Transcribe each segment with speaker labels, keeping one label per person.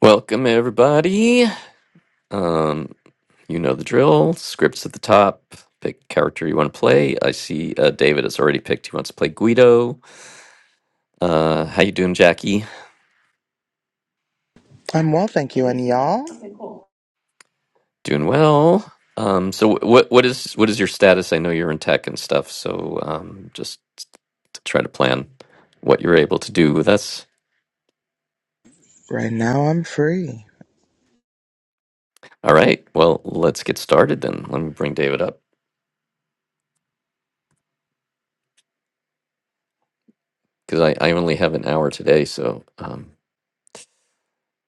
Speaker 1: Welcome everybody. Um, you know the drill. Scripts at the top. Pick character you want to play. I see uh, David has already picked. He wants to play Guido. Uh, how you doing, Jackie?
Speaker 2: I'm well, thank you. And y'all?
Speaker 1: Doing well. Um, so wh- what what is what is your status? I know you're in tech and stuff. So um, just to try to plan what you're able to do with us.
Speaker 2: Right now, I'm free.
Speaker 1: All right. Well, let's get started then. Let me bring David up because I, I only have an hour today, so um,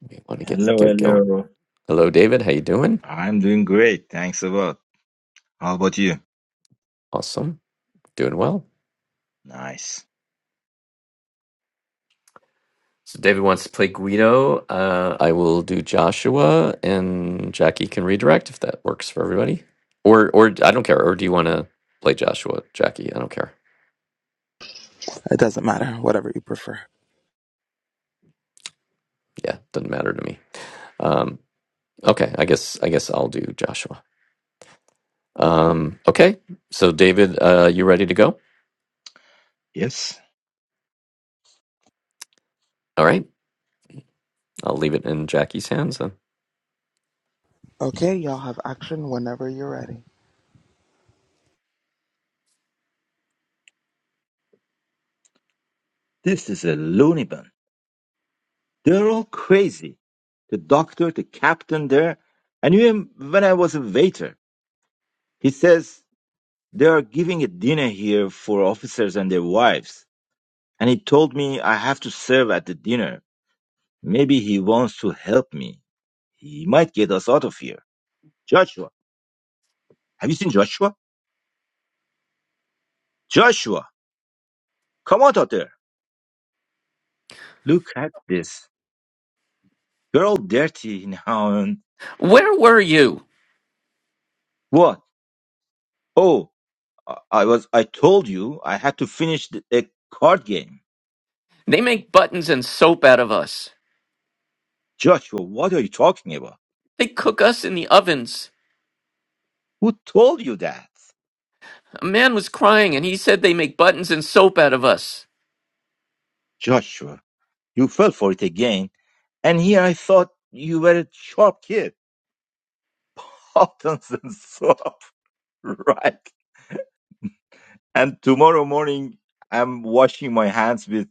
Speaker 1: we want to get
Speaker 3: Hello,
Speaker 1: get going.
Speaker 3: hello.
Speaker 1: Hello, David. How you doing?
Speaker 3: I'm doing great. Thanks a lot. How about you?
Speaker 1: Awesome. Doing well.
Speaker 3: Nice.
Speaker 1: So David wants to play Guido. Uh, I will do Joshua and Jackie can redirect if that works for everybody. Or or I don't care. Or do you want to play Joshua, Jackie? I don't care.
Speaker 2: It doesn't matter, whatever you prefer.
Speaker 1: Yeah, doesn't matter to me. Um, okay, I guess I guess I'll do Joshua. Um, okay. So David, uh, you ready to go?
Speaker 3: Yes,
Speaker 1: All right. I'll leave it in Jackie's hands then.
Speaker 2: Okay, y'all have action whenever you're ready.
Speaker 3: this is a loony bin. They're all crazy. The doctor, the captain there. I knew him when I was a waiter. He says they are giving a dinner here for officers and their wives. And he told me I have to serve at the dinner. Maybe he wants to help me. He might get us out of here. Joshua, have you seen Joshua? Joshua, come out of there. Look at this. You're all dirty now and
Speaker 1: Where were you?
Speaker 3: what? Oh, I I was, I told you I had to finish the, the card game.
Speaker 1: They make buttons and soap out of us.
Speaker 3: Joshua, what are you talking about?
Speaker 1: They cook us in the ovens.
Speaker 3: Who told you that?
Speaker 1: A man was crying and he said they make buttons and soap out of us.
Speaker 3: Joshua, you fell for it again. And here I thought you were a sharp kid. Buttons and soap. Right. And tomorrow morning, I'm washing my hands with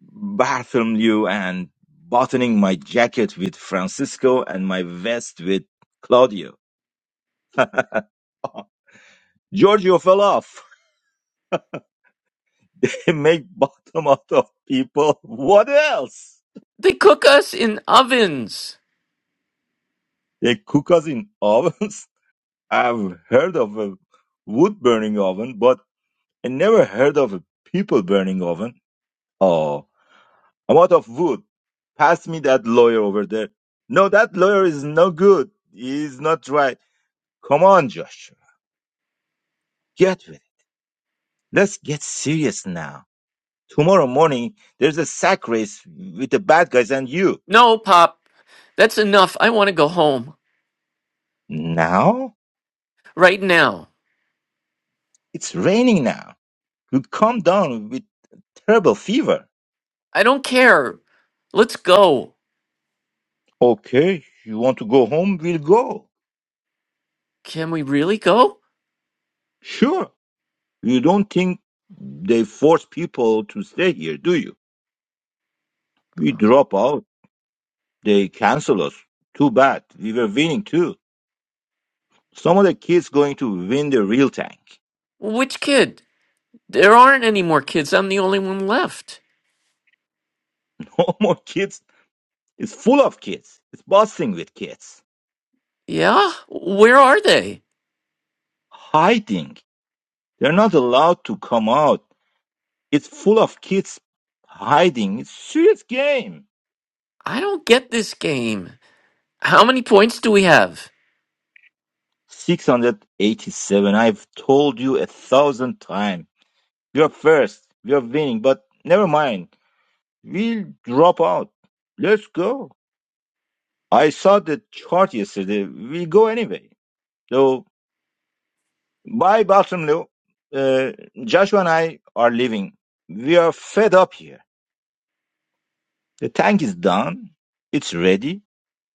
Speaker 3: Bartholomew and buttoning my jacket with Francisco and my vest with Claudio. Giorgio fell off. They make bottom out of people. What else?
Speaker 1: They cook us in ovens.
Speaker 3: They cook us in ovens. I've heard of a wood burning oven, but I never heard of a people burning oven. Oh, I'm out of wood. Pass me that lawyer over there. No, that lawyer is no good. He's not right. Come on, Joshua. Get with it. Let's get serious now. Tomorrow morning, there's a sack race with the bad guys and you.
Speaker 1: No, Pop, that's enough. I want to go home.
Speaker 3: Now?
Speaker 1: Right now.
Speaker 3: It's raining now. You'll come down with terrible fever.
Speaker 1: I don't care. Let's go.
Speaker 3: Okay, you want to go home? We'll go.
Speaker 1: Can we really go?
Speaker 3: Sure. You don't think they force people to stay here, do you? We
Speaker 1: Well,
Speaker 3: drop out. They cancel us. Too bad. We were winning too. Some of the kids going to win the real tank.
Speaker 1: Which kid? There aren't any more kids. I'm the only one left.
Speaker 3: No more kids. It's full of kids. It's busting with kids.
Speaker 1: Yeah? Where are they?
Speaker 3: Hiding. They're not allowed to come out. It's full of kids hiding. It's serious game.
Speaker 1: I don't get this game. How many points do we have?
Speaker 3: 687. I've told you a thousand times. You're first. You're winning. But never mind. We'll drop out. Let's go. I saw the chart yesterday. We'll go anyway. So, bye, Bartholomew. Uh, Joshua and I are leaving. We are fed up here. The tank is done. It's ready.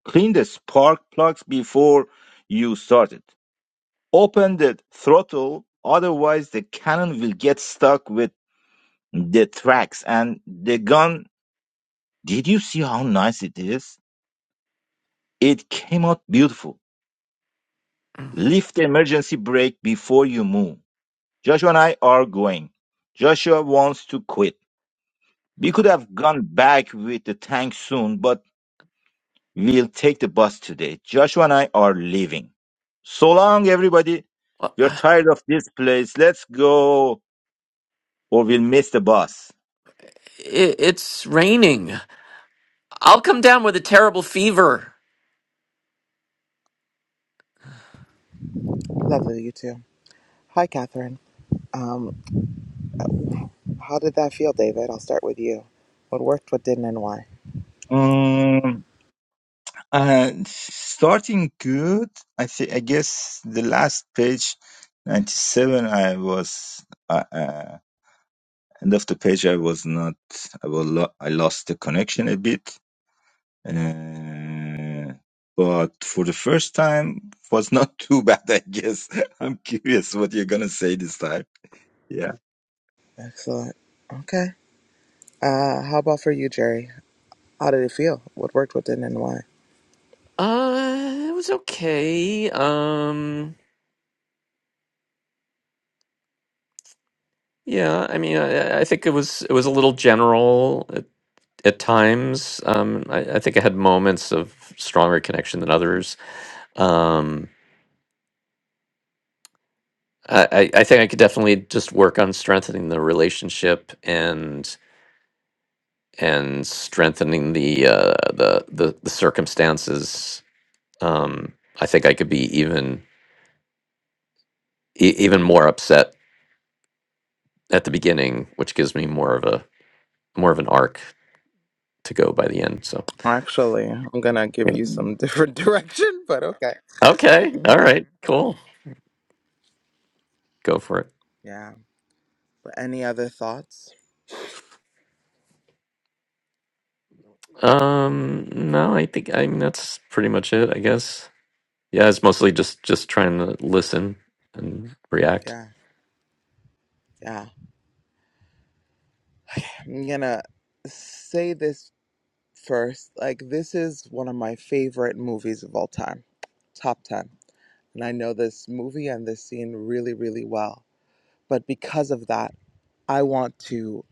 Speaker 3: Clean the spark plugs before you start it. Open the throttle. Otherwise, the cannon will get stuck with the tracks and the gun. Did you see how nice it is? It came out beautiful. Lift the emergency brake before you move. Joshua and I are going. Joshua wants to quit. We could have gone back with the tank soon, but we'll take the bus today. Joshua and I are leaving. So long, everybody.
Speaker 1: Well,
Speaker 3: We're tired of this place. Let's go, or we'll miss the bus.
Speaker 1: i- It's raining. I'll come down with a terrible fever.
Speaker 2: Lovely, you too. Hi, Catherine. Um, how did that feel, David? I'll start with you. What worked, what didn't, and why?
Speaker 3: Uh, starting good. I think. I guess the last page, ninety-seven. I was uh, uh, end of the page. I was not. I was. Lo- I lost the connection a bit. Uh, but for the first time, was not too bad. I guess. I'm curious what you're gonna say this time. Yeah.
Speaker 2: Excellent. Okay. Uh, how about for you, Jerry? How did it feel? What worked, what didn't, and why?
Speaker 1: Uh, it was okay. Um, yeah, I mean, I, I think it was it was a little general at, at times. Um, I, I think I had moments of stronger connection than others. Um, I, I I think I could definitely just work on strengthening the relationship and and strengthening the uh, the, the the circumstances. Um, I think I could be even e- even more upset at the beginning, which gives me more of a more of an arc to go by the end. So
Speaker 2: Actually, I'm gonna give
Speaker 1: yeah.
Speaker 2: you some different direction, but okay.
Speaker 1: okay,
Speaker 2: hmm
Speaker 1: all right, cool, go for it.
Speaker 2: Yeah. But any other thoughts?
Speaker 1: Um, no, I think I mean that's pretty much it. I guess yeah, it's mostly just just trying to listen and react.
Speaker 2: Yeah. Yeah. I'm gonna say this first. Like this is one of my favorite movies of all time, top 10. And I know this movie and this scene really, really well. But because of that, I want to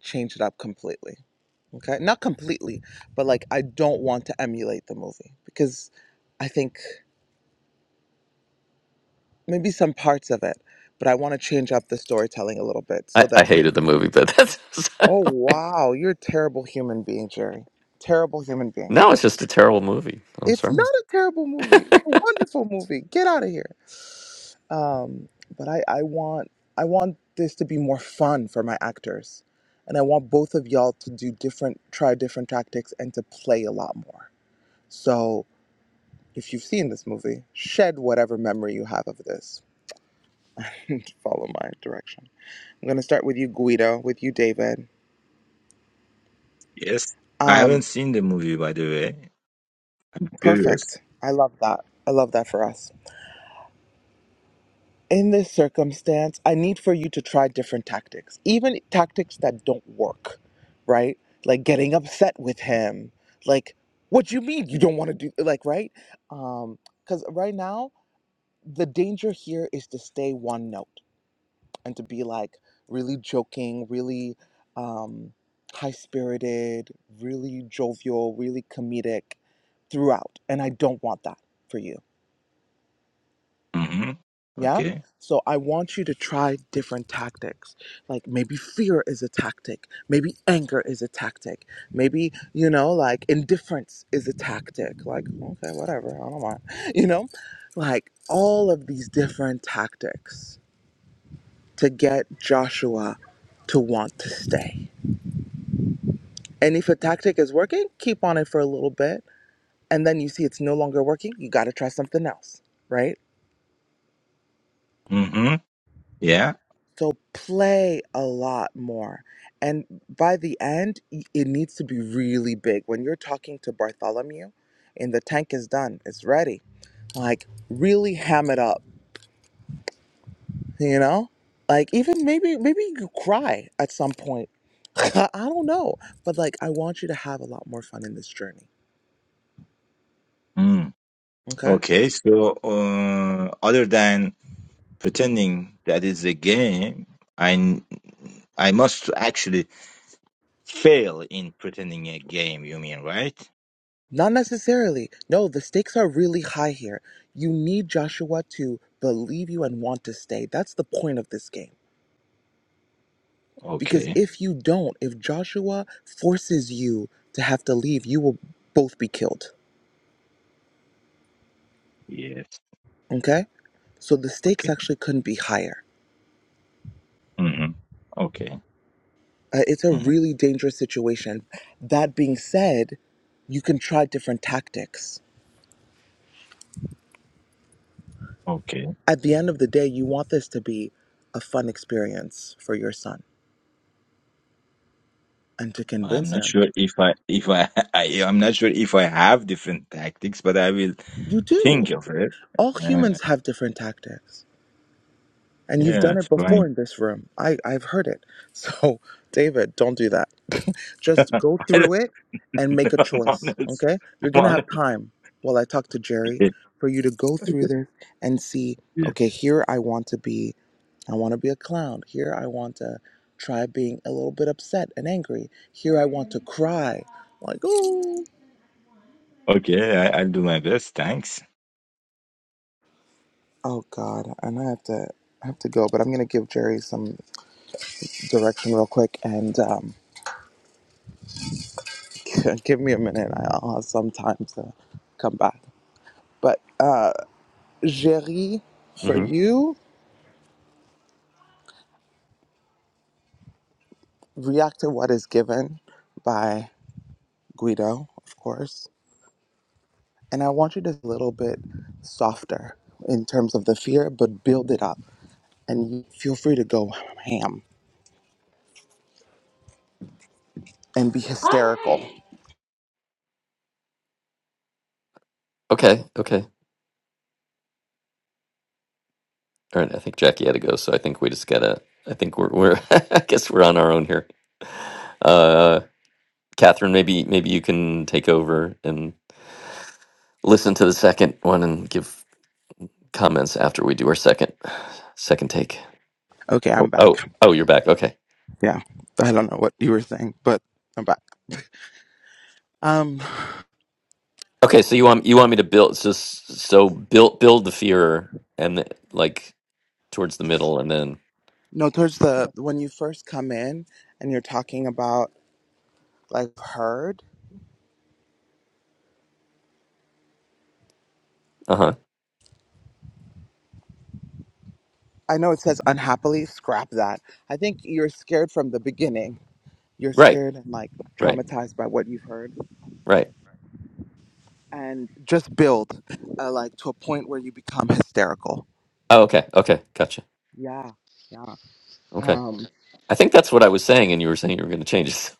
Speaker 2: change it up completely. Okay? Not completely, but like I don't want to emulate the movie because I think maybe some parts of it, but I want to change up the storytelling a little bit
Speaker 1: I,
Speaker 2: so
Speaker 1: I
Speaker 2: that you
Speaker 1: hated the movie, but that's
Speaker 2: Oh wow, you're a terrible human being, Jerry. Terrible human being.
Speaker 1: no, it's just a terrible movie. I'm
Speaker 2: It's not
Speaker 1: sorry.
Speaker 2: a terrible movie. It's a wonderful movie. Get out of here. um, but I, I want I want this to be more fun for my actors, and I want both of y'all to do different, try different tactics, and to play a lot more. So if you've seen this movie, shed whatever memory you have of this. Follow my direction. I'm gonna start with you, Guido. With you, David.
Speaker 3: Yes. I
Speaker 2: Um,
Speaker 3: haven't seen the movie, by the way. Curious.
Speaker 2: perfect. I love that. I love that for us. in this circumstance, I need for you to try different tactics, even tactics that don't work, right? Like getting upset with him. Like, what you mean you don't want to do like right? Um, because right now the danger here is to stay one note and to be like really joking, really um high spirited, really jovial, really comedic throughout. And I don't want that for you.
Speaker 3: Mm-hmm.
Speaker 2: Yeah.
Speaker 3: Okay.
Speaker 2: So I want you to try different tactics. Like maybe fear is a tactic. Maybe anger is a tactic. Maybe, you know, like indifference is a tactic. Like, okay, whatever. I don't mind. You know, like all of these different tactics to get Joshua to want to stay. And if a tactic is working, keep on it for a little bit. And then you see it's no longer working, you got to try something else, right?
Speaker 3: Mm-hmm. Yeah.
Speaker 2: So play a lot more. And by the end, y- it needs to be really big. When you're talking to Bartholomew and the tank is done, it's ready. Like really ham it up, you know? Like even maybe maybe you could cry at some point. I don't know. But like I want you to have a lot more fun in this journey.
Speaker 3: Mm.
Speaker 2: Okay?
Speaker 3: Okay, so uh, other than pretending that it's a game, I I must actually fail in pretending a game. You mean right?
Speaker 2: Not necessarily. No, the stakes are really high here. You need Joshua to believe you and want to stay. That's the point of this game Because
Speaker 3: Okay.
Speaker 2: if you don't, if Joshua forces you to have to leave, you will both be killed.
Speaker 3: Yes.
Speaker 2: Okay? So the stakes
Speaker 3: Okay.
Speaker 2: actually couldn't be higher.
Speaker 3: hmm Okay.
Speaker 2: Uh, it's a
Speaker 3: hmm
Speaker 2: really dangerous situation. That being said, you can try different tactics.
Speaker 3: Okay.
Speaker 2: At the end of the day, you want this to be a fun experience for your son and to
Speaker 3: I'm
Speaker 2: convince
Speaker 3: not
Speaker 2: him.
Speaker 3: sure if I if I, I I'm not sure if I have different tactics, but I will
Speaker 2: You do.
Speaker 3: think of it.
Speaker 2: All
Speaker 3: Uh,
Speaker 2: humans have different tactics. And you've
Speaker 3: yeah,
Speaker 2: done
Speaker 3: it's
Speaker 2: it before
Speaker 3: fine.
Speaker 2: in this room. I, I've heard it. So, David, don't do that. Just
Speaker 3: I
Speaker 2: go
Speaker 3: don't
Speaker 2: through it
Speaker 3: know.
Speaker 2: and make a
Speaker 3: I'm
Speaker 2: choice,
Speaker 3: honest.
Speaker 2: okay? You're
Speaker 3: I'm
Speaker 2: going to have
Speaker 3: honest.
Speaker 2: time while I talk to Jerry for you to go through this and see, okay, here I want to be. I want to be a clown. Here I want to try being a little bit upset and angry. Here I want to cry. Like, oh,
Speaker 3: Okay, I, I'll do my best. Thanks.
Speaker 2: oh God. And I have to I have to go, but I'm going to give Jerry some direction real quick and um Give me a minute. I'll have some time to come back. But uh, Jerry, for
Speaker 1: hmm
Speaker 2: you, react to what is given by Guido, of course. And I want you to a little bit softer in terms of the fear, but build it up. And you feel free to go ham and be hysterical.
Speaker 1: Okay, okay, all right. I think Jackie had to go, so I think we just gotta. I think we're we're. I guess we're on our own here. Uh, Catherine, maybe maybe you can take over and listen to the second one and give comments after we do our second second take.
Speaker 2: Okay,
Speaker 1: Oh,
Speaker 2: I'm
Speaker 1: oh,
Speaker 2: back.
Speaker 1: oh, you're back. Okay,
Speaker 2: Yeah, I don't know what you were saying, but I'm back. Um,
Speaker 1: okay. So you want you want me to build so so build build the fear and the, like towards the middle and then
Speaker 2: no, towards the when you first come in and you're talking about. like heard.
Speaker 1: uh huh
Speaker 2: I know it says unhappily, scrap that. I think you're scared from the beginning. You're
Speaker 1: right
Speaker 2: scared and like
Speaker 1: right
Speaker 2: traumatized by what you've heard,
Speaker 1: right.
Speaker 2: and just build uh, like to a point where you become hysterical.
Speaker 1: Oh, okay okay gotcha
Speaker 2: Yeah, yeah.
Speaker 1: okay.
Speaker 2: Um,
Speaker 1: I think that's what I was saying, and you were saying you were going to change it.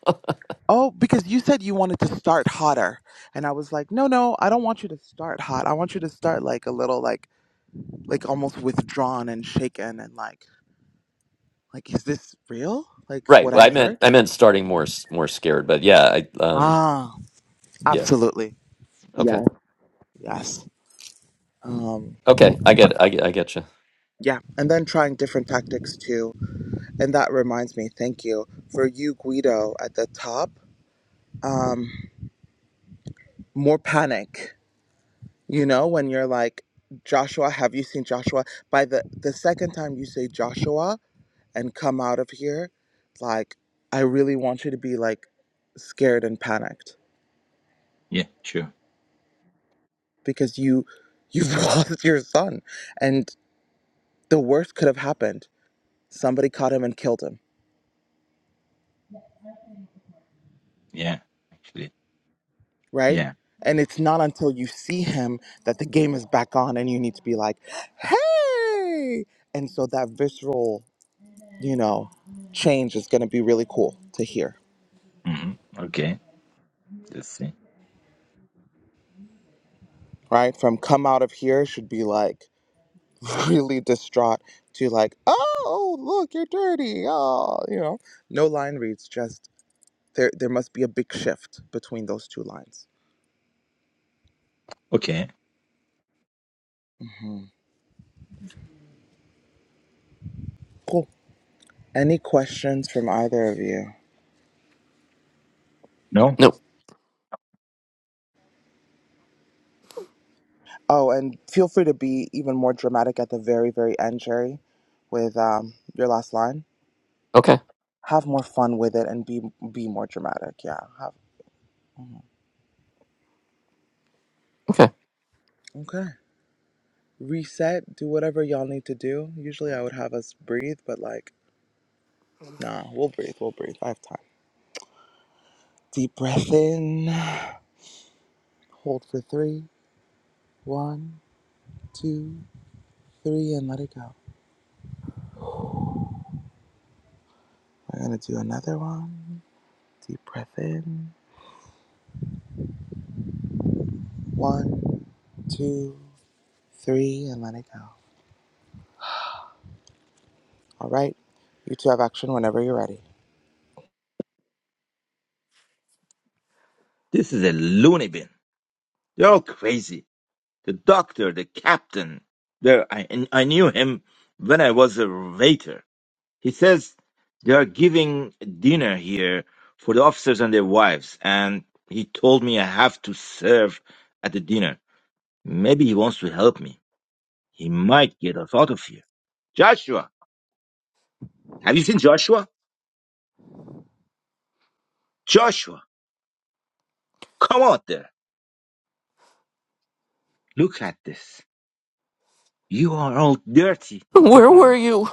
Speaker 2: oh, because you said you wanted to start hotter, and I was like, no, no, I don't want you to start hot. I want you to start like a little like like almost withdrawn and shaken and like like is this real? Like what
Speaker 1: right. Well,
Speaker 2: I
Speaker 1: I meant
Speaker 2: heard?
Speaker 1: I meant starting more s- more scared, but yeah, I um
Speaker 2: Ah,
Speaker 1: yeah
Speaker 2: absolutely.
Speaker 1: okay
Speaker 2: Yes. Yes. um,
Speaker 1: okay I get it. I get I get you.
Speaker 2: yeah and then trying different tactics too and that reminds me thank you for you guido at the top um, more panic you know when you're like joshua have you seen joshua by the the second time you say joshua and come out of here like i really want you to be like scared and panicked
Speaker 3: Yeah, sure.
Speaker 2: because you you've lost your son and the worst could have happened somebody caught him and killed him
Speaker 3: Yeah, actually.
Speaker 2: right?
Speaker 3: Yeah.
Speaker 2: And it's not until you see him that the game is back on and you need to be like, hey! And so that visceral, you know, change is gonna be really cool to hear,
Speaker 3: hmm Okay, let's see.
Speaker 2: right? From come out of here should be like really distraught to like, oh, look, you're dirty. Oh, you know, no line reads, just there, there must be a big shift between those two lines.
Speaker 3: Okay.
Speaker 2: Mhm. Cool. Any questions from either of you?
Speaker 3: No,
Speaker 1: No
Speaker 2: Oh, and feel free to be even more dramatic at the very, very end, Jerry, with um, your last line.
Speaker 1: okay
Speaker 2: Have more fun with it and be be more dramatic. Yeah. Have,
Speaker 1: okay.
Speaker 2: okay. Reset. Do whatever y'all need to do. Usually, I would have us breathe, but like, nah, we'll breathe. We'll breathe. I have time. Deep breath in. Hold for three. One, two, three, and let it go. We're gonna do another one. Deep breath in. One, two, three, and let it go. All right. You two have action whenever you're ready.
Speaker 3: this is a loony bin. They're all crazy. The doctor, the captain. There, I, and I knew him when I was a waiter. He says they are giving dinner here for the officers and their wives, and he told me I have to serve at the dinner. Maybe he wants to help me. He might get us out of here. Joshua, have you seen Joshua? Joshua, come out there. Look at this. You are all dirty.
Speaker 1: Where
Speaker 3: No.
Speaker 1: were you?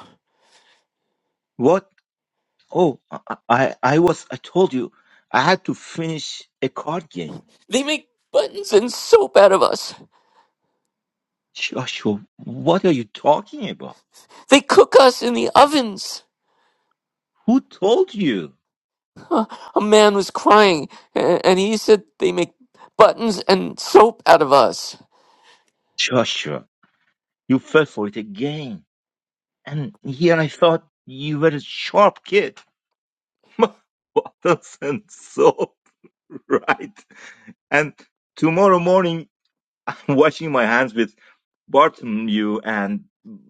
Speaker 3: What? Oh, I, I I was, I told you, I had to finish a card game.
Speaker 1: They make buttons and soap out of us.
Speaker 3: Joshua, what are you talking about?
Speaker 1: They cook us in the ovens.
Speaker 3: Who told you?
Speaker 1: A man was crying, a- and he said they make buttons and soap out of us.
Speaker 3: Joshua, you fell for it again. And here I thought you were a sharp kid. My Bottles and soap, right? And tomorrow morning, I'm washing my hands with Bartholomew and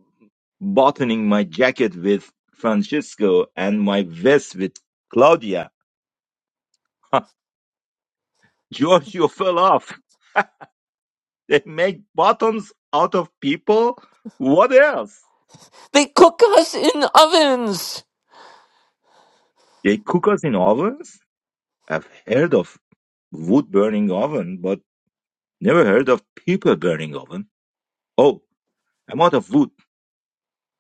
Speaker 3: buttoning my jacket with Francisco and my vest with Claudia. George, you fell off. They make bottoms out of people? What else?
Speaker 1: They cook us in ovens.
Speaker 3: They cook us in ovens? I've heard of wood burning oven, but never heard of people burning oven. Oh, I'm out of wood.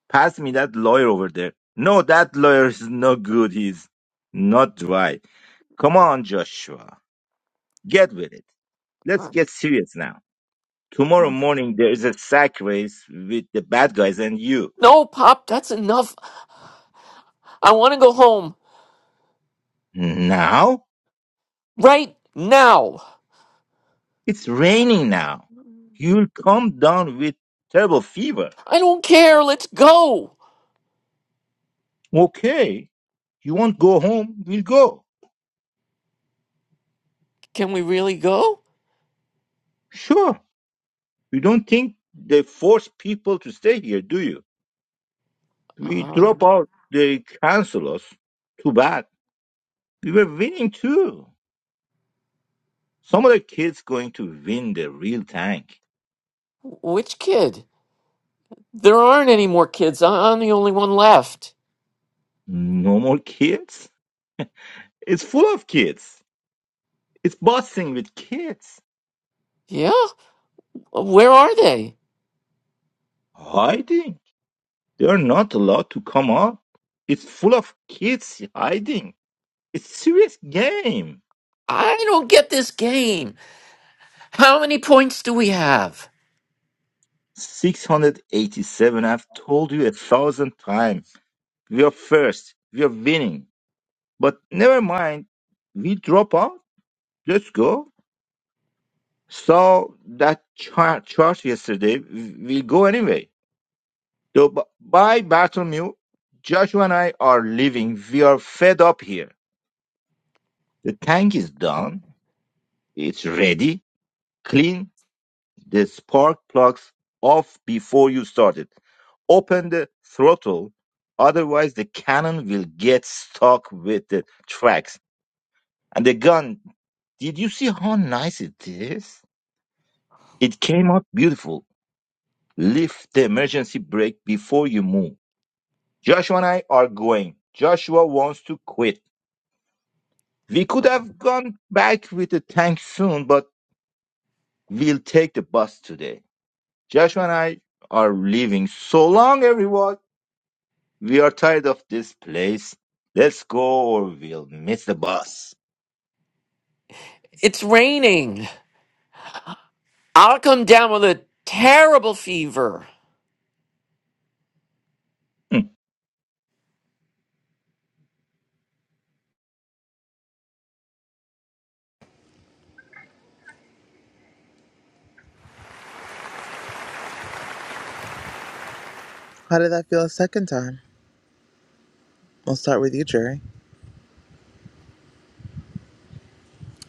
Speaker 3: Pass me that lawyer over there. No, that lawyer is no good. He's not dry. Come on, Joshua. Get with it. Let's get serious now. Tomorrow morning there is a sack race with the bad guys and you.
Speaker 1: No, Pop, that's enough. I want to go home
Speaker 3: Now?
Speaker 1: right now.
Speaker 3: It's raining now. You'll come down with terrible fever.
Speaker 1: I don't care. Let's go.
Speaker 3: Okay. You won't go home? We'll go.
Speaker 1: Can we really go?
Speaker 3: Sure. You don't think they force people to stay here, do you? We
Speaker 1: Uh,
Speaker 3: drop out. They cancel us. Too bad. We were winning too. Some of the kids going to win the real tank.
Speaker 1: which kid? There aren't any more kids. I- I'm the only one left.
Speaker 3: No more kids? It's full of kids. It's bossing with kids.
Speaker 1: Yeah? Where are they?
Speaker 3: Hiding. They're not allowed to come up. It's full of kids hiding. It's serious game.
Speaker 1: I don't get this game. How many points do we have?
Speaker 3: 687. I've told you a thousand times. We are first. We are winning. But never mind. We drop out. Let's go. So that char- charge yesterday we will go anyway. So b- bye, Bartholomew. Joshua and I are leaving. We are fed up here. The tank is done. It's ready. Clean the spark plugs off before you start it. Open the throttle. Otherwise, the cannon will get stuck with the tracks. And the gun, did you see how nice it is? It came out beautiful. Lift the emergency brake before you move. Joshua and I are going. Joshua wants to quit. We could have gone back with the tank soon, but we'll take the bus today. Joshua and I are leaving. So long, everyone. We are tired of this place. Let's go or we'll miss the bus.
Speaker 1: It's raining. I'll come down with a terrible fever.
Speaker 3: Hmm.
Speaker 2: How did that feel a second time? We'll start with you, Jerry.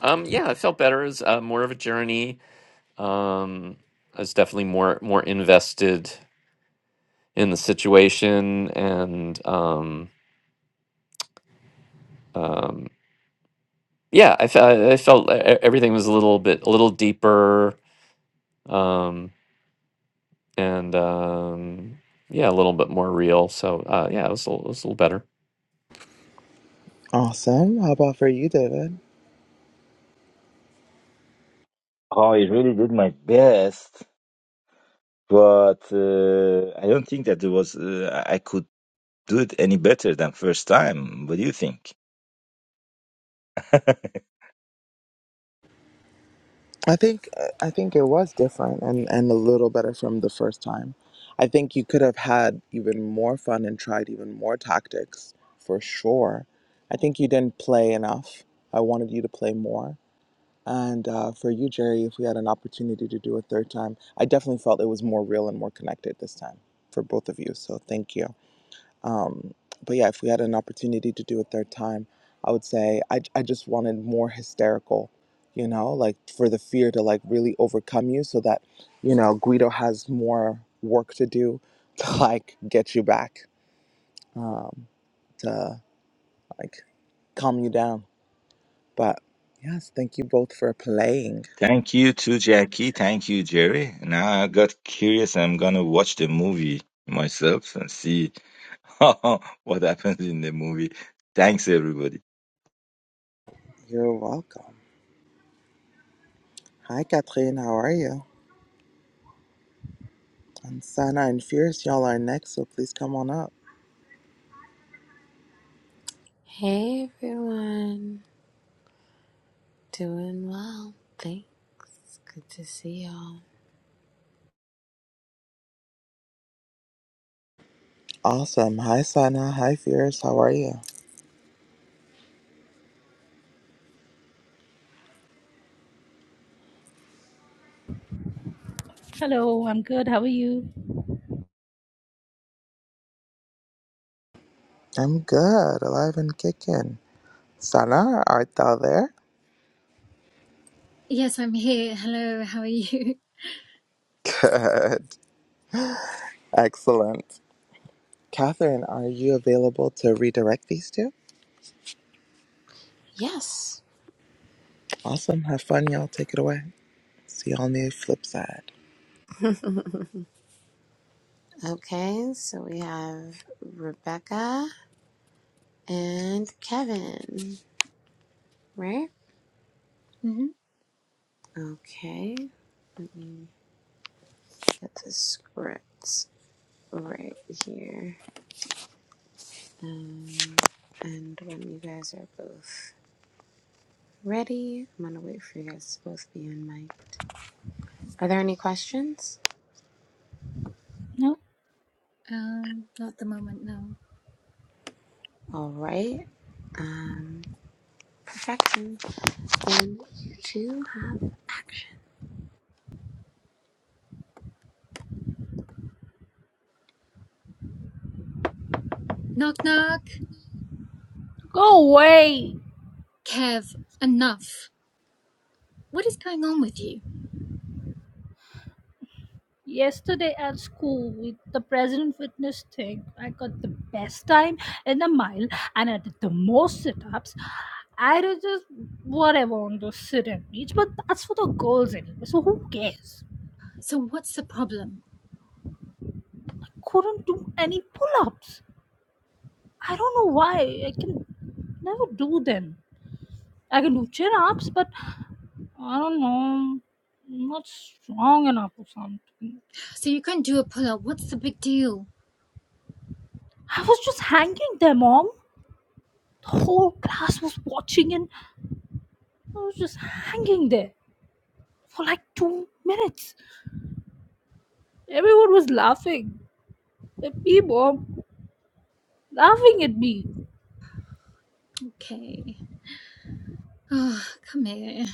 Speaker 1: Um, yeah, I felt better. It was uh, more of a journey. Um, I was definitely more more invested in the situation, and um, um, yeah, I, fe- I I felt e- e- everything was a little bit a little deeper, um, and um, yeah, a little bit more real. So uh, yeah, it was a, it was a little better.
Speaker 2: Awesome. How about for you, David?
Speaker 3: I really did my best, but uh, I don't think that it was uh, I could do it any better than first time. What do you think?
Speaker 2: I think uh, I think it was different and, and a little better from the first time. I think you could have had even more fun and tried even more tactics for sure. I think you didn't play enough. I wanted you to play more. And uh, for you, Jerry, if we had an opportunity to do a third time, I definitely felt it was more real and more connected this time for both of you. So thank you. Um, but yeah, if we had an opportunity to do a third time, I would say I, I just wanted more hysterical, you know, like for the fear to like really overcome you so that, you know, Guido has more work to do to like get you back, um, to like calm you down. But yes, thank you both for playing.
Speaker 3: Thank you to Jackie. Thank you, Jerry. Now I got curious. I'm gonna watch the movie myself and see what happens in the movie. Thanks, everybody.
Speaker 2: You're welcome. Hi, Catherine. How are you? And Sana and Fierce, y'all are next, so please come on up.
Speaker 4: Hey everyone, doing well, thanks. Good to see y'all.
Speaker 2: Awesome. Hi, Sana. Hi, Fierce. How are you?
Speaker 5: Hello, I'm good. How are you?
Speaker 2: I'm good, alive and kicking. Sana, art thou there?
Speaker 6: Yes, I'm here. Hello, how are you?
Speaker 2: Good. Excellent. Catherine, are you available to redirect these two?
Speaker 4: Yes.
Speaker 2: Awesome. Have fun, y'all. Take it away. See y'all on the flip side.
Speaker 4: Okay, so we have Rebecca and Kevin, right?
Speaker 6: hmm
Speaker 4: Okay, let me get the scripts right here. Um, and when you guys are both ready, I'm gonna wait for you guys to both be on mic. Are there any questions?
Speaker 5: No?
Speaker 6: Um, not at the moment, no.
Speaker 4: All right. Um, perfection. And you two have action.
Speaker 6: Knock, knock.
Speaker 5: Go away!
Speaker 6: Kev, enough. What is going on with you?
Speaker 5: Yesterday at school, with the president witness thing, I got the best time in a mile and I did the most sit ups. I did just whatever on the sit and reach, but that's for the girls anyway, so who cares?
Speaker 6: So, what's the problem?
Speaker 5: Couldn't do any pull ups. I don't know why. I can never do them. I can do chin ups, but I don't know. I'm not strong enough or something.
Speaker 6: So, you can't do a pull up. What's the big deal?
Speaker 5: I was just hanging there, mom. The whole class was watching, and I was just hanging there for like two minutes. Everyone was laughing at me, mom, laughing at me.
Speaker 6: Okay. Oh, come here.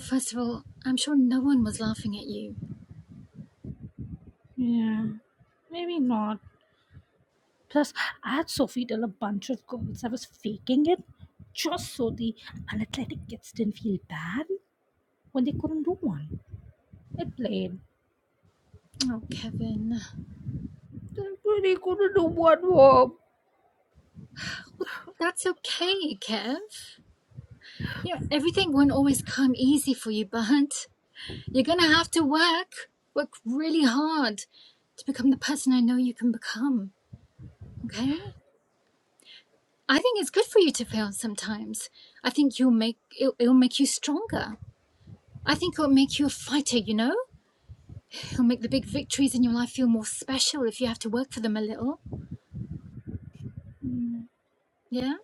Speaker 6: First of all, I'm sure no one was laughing at you.
Speaker 5: Yeah, maybe not. Plus, I had Sophie tell a bunch of girls I was faking it just so the unathletic kids didn't feel bad when they couldn't do one. I played.
Speaker 6: Oh, Kevin.
Speaker 5: They really couldn't do one, mom.
Speaker 6: That's okay, Kev. You know, everything won't always come easy for you, but you're gonna have to work. Work really hard to become the person I know you can become. Okay. I think it's good for you to fail sometimes. I think you'll make it'll, it'll make you stronger. I think it'll make you a fighter, you know? It'll make the big victories in your life feel more special if you have to work for them a little.
Speaker 5: Mm,
Speaker 6: Yeah?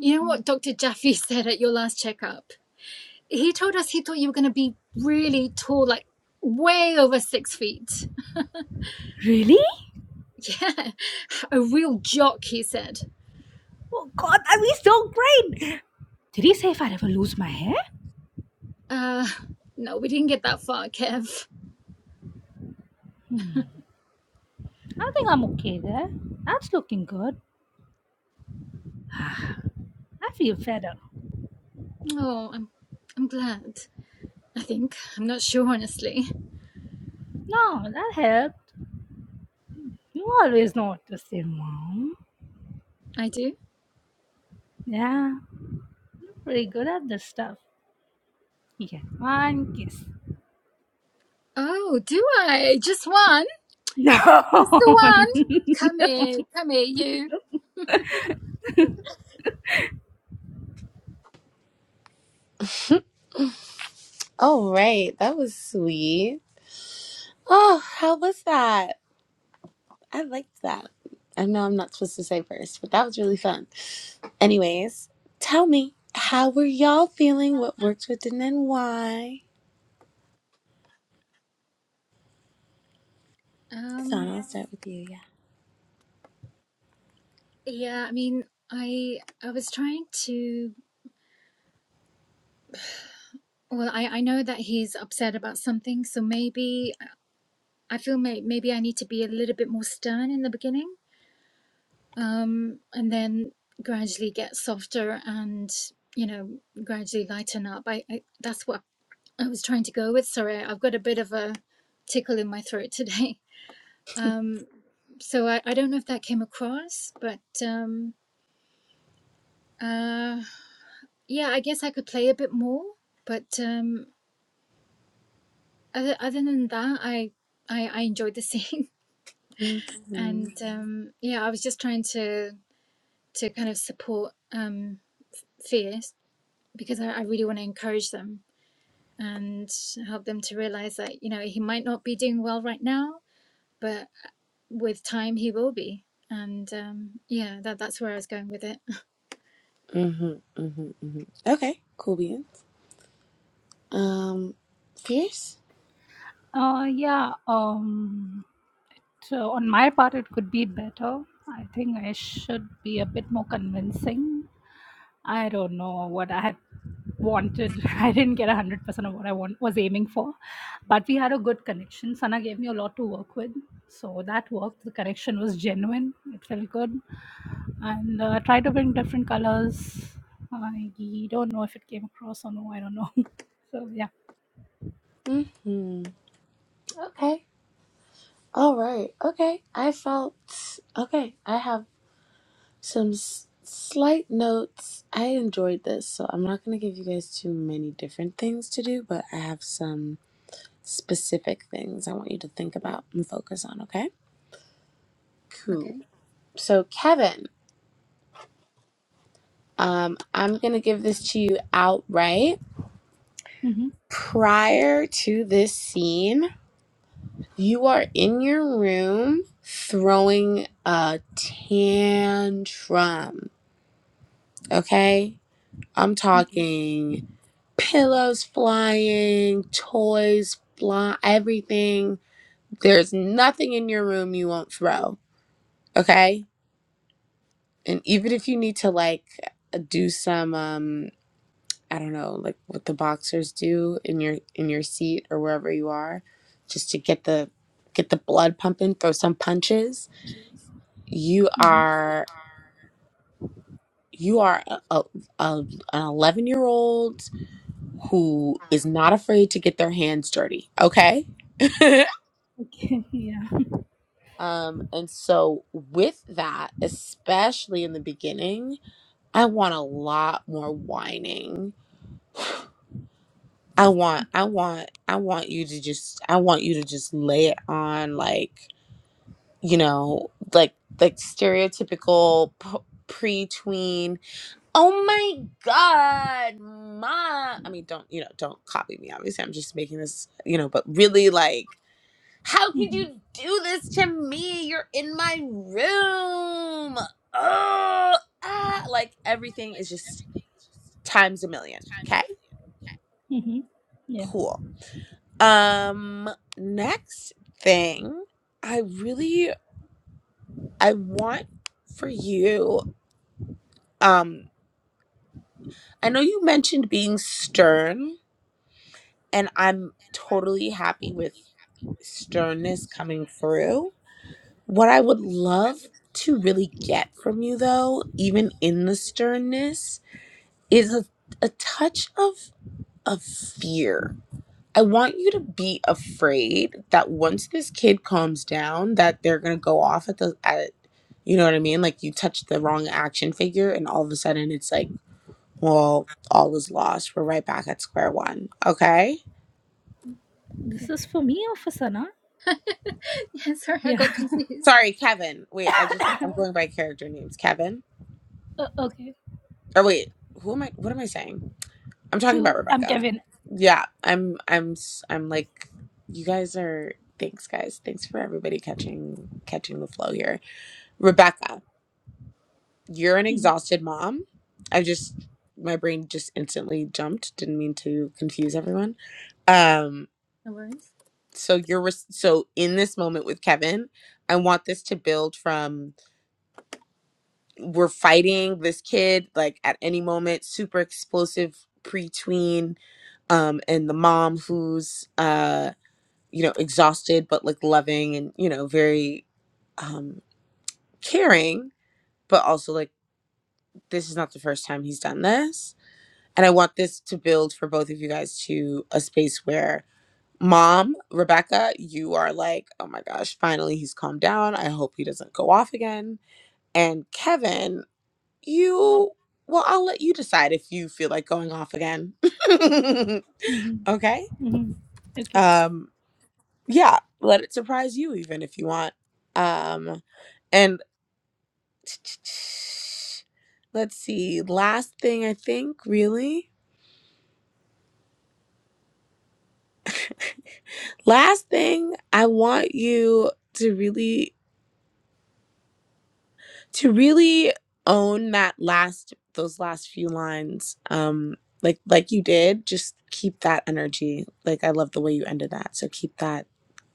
Speaker 6: You know
Speaker 5: mhm.
Speaker 6: what Dr. Jaffe said at your last checkup? He told us he thought you were going to be really tall, like way over six feet.
Speaker 5: Really?
Speaker 6: Yeah. A real jock, he said.
Speaker 5: Oh God, that'd be so great! Did he say if i ever lose my hair?
Speaker 6: Uh, no, we didn't get that far, Kev.
Speaker 5: Hmm. I think I'm okay there. That's looking good. I feel better.
Speaker 6: Oh, I'm, I'm glad. I think. I'm not sure, honestly.
Speaker 5: No, that helped. You always know what to say, Mom.
Speaker 6: I do.
Speaker 5: Yeah, pretty good at this stuff. Yeah, one kiss.
Speaker 6: Oh, do I? Just one?
Speaker 5: No.
Speaker 6: Just the one? Come here, come here, you.
Speaker 4: All right, that was sweet. Oh, how was that? I liked that. I know I'm not supposed to say first, but that was really fun. Anyways, tell me, how were y'all feeling? What worked with and then why? So
Speaker 6: Um,
Speaker 4: I'll start with you. Yeah.
Speaker 6: yeah, I mean, I I was trying to. Well, I I know that he's upset about something, so maybe I feel may, maybe I need to be a little bit more stern in the beginning, um, and then gradually get softer and you know gradually lighten up. I, I that's what I was trying to go with. Sorry, I've got a bit of a tickle in my throat today. Um, so I, I don't know if that came across, but um, uh, yeah, I guess I could play a bit more. But um, other, other than that, I, I I enjoyed the scene,
Speaker 4: Mm-hmm.
Speaker 6: and um, yeah, I was just trying to to kind of support um, fears because I, I really want to encourage them and help them to realize that you know he might not be doing well right now, but with time he will be. And um, yeah, that that's where I was going with it.
Speaker 4: Mm-hmm. Mm-hmm. hmm Okay. Cool beans. Um, fierce.
Speaker 5: Uh, yeah. Um. So on my part, it could be better. I think I should be a bit more convincing. I don't know what I had wanted. I didn't get 100% of what I want, was aiming for, but we had a good connection. Sana gave me a lot to work with. So that worked. The connection was genuine. It felt good. And uh, I tried to bring different colors. I don't know if it came across or no. I don't know. so yeah.
Speaker 4: Mm-hmm. Okay. All right. Okay. I felt okay. I have. Some s- slight notes. I enjoyed this, so I'm not going to give you guys too many different things to do, but I have some specific things I want you to think about and focus on, okay? Cool. So, Kevin, um, I'm going to give this to you outright.
Speaker 5: hmm
Speaker 4: Prior to this scene, you are in your room throwing a tantrum, okay? I'm
Speaker 5: Okay.
Speaker 4: talking pillows flying, toys fly, everything. There's nothing in your room you won't throw, okay? And even if you need to like do some um I don't know, like what the boxers do in your in your seat or wherever you are, just to get the get the blood pumping, throw some punches. You
Speaker 5: hmm
Speaker 4: are you are a, a, a, an 11 year old who is not afraid to get their hands dirty, okay?
Speaker 5: Okay. Yeah.
Speaker 4: Um, and so, with that, especially in the beginning, I want a lot more whining. I want, I
Speaker 5: Okay.
Speaker 4: want, I want you to just, I want you to just lay it on, like, you know, like, like stereotypical p- pre-tween. Oh my God, ma! I mean, don't, you know, don't copy me. Obviously, I'm just making this, you know, but really, like. How could you
Speaker 5: hmm
Speaker 4: do this to me? You're in my room. Oh, ah. Like everything is just times a million. Okay,
Speaker 5: hmm Yeah.
Speaker 4: cool. Um, next thing, I really I want for you. Um, I know you mentioned being stern, and I'm totally happy with sternness coming through What I would love to really get from you, though, even in the sternness, is a, a touch of, of fear. I want you to be afraid that once this kid calms down, that they're gonna go off at the at, you know what I mean? Like you touch the wrong action figure, and all of a sudden it's like, well, all is lost. We're right back at square one. Okay.
Speaker 5: This
Speaker 6: Okay.
Speaker 5: is for me or for Sana?
Speaker 6: Yeah, sorry, I
Speaker 5: Yeah.
Speaker 6: got confused.
Speaker 4: Sorry, Kevin. Wait, I just I'm going by character names. Kevin.
Speaker 5: Uh, okay.
Speaker 4: Or wait, who am I? What am I saying? I'm talking about
Speaker 5: To I'm
Speaker 4: Rebecca.
Speaker 5: Kevin.
Speaker 4: Yeah, I'm I'm s- I'm like you guys are thanks guys. Thanks for everybody catching catching the flow here. Rebecca, you're an
Speaker 5: hmm
Speaker 4: exhausted mom. I just my brain just instantly jumped. Didn't mean to confuse everyone. Um
Speaker 6: No worries.
Speaker 4: so you're res- so in this moment with Kevin, I want this to build from we're fighting this kid like at any moment super explosive pre-tween um and the mom who's uh you know, exhausted, but like loving and, you know, very um, caring, but also like, this is not the first time he's done this. And I want this to build for both of you guys to a space where mom, Rebecca, you are like, oh my gosh, finally he's calmed down. I hope he doesn't go off again. And Kevin, you, well, I'll let you decide if you feel like going off again.
Speaker 5: hmm
Speaker 4: okay.
Speaker 5: hmm Okay.
Speaker 4: Um, yeah, let it surprise you even if you want. Um, and Let's see. Last thing, I think, really. Last thing, I want you to really, to really own that last, those last few lines. Um, like, like you did. Just keep that energy. Like, I love the way you ended that. So keep that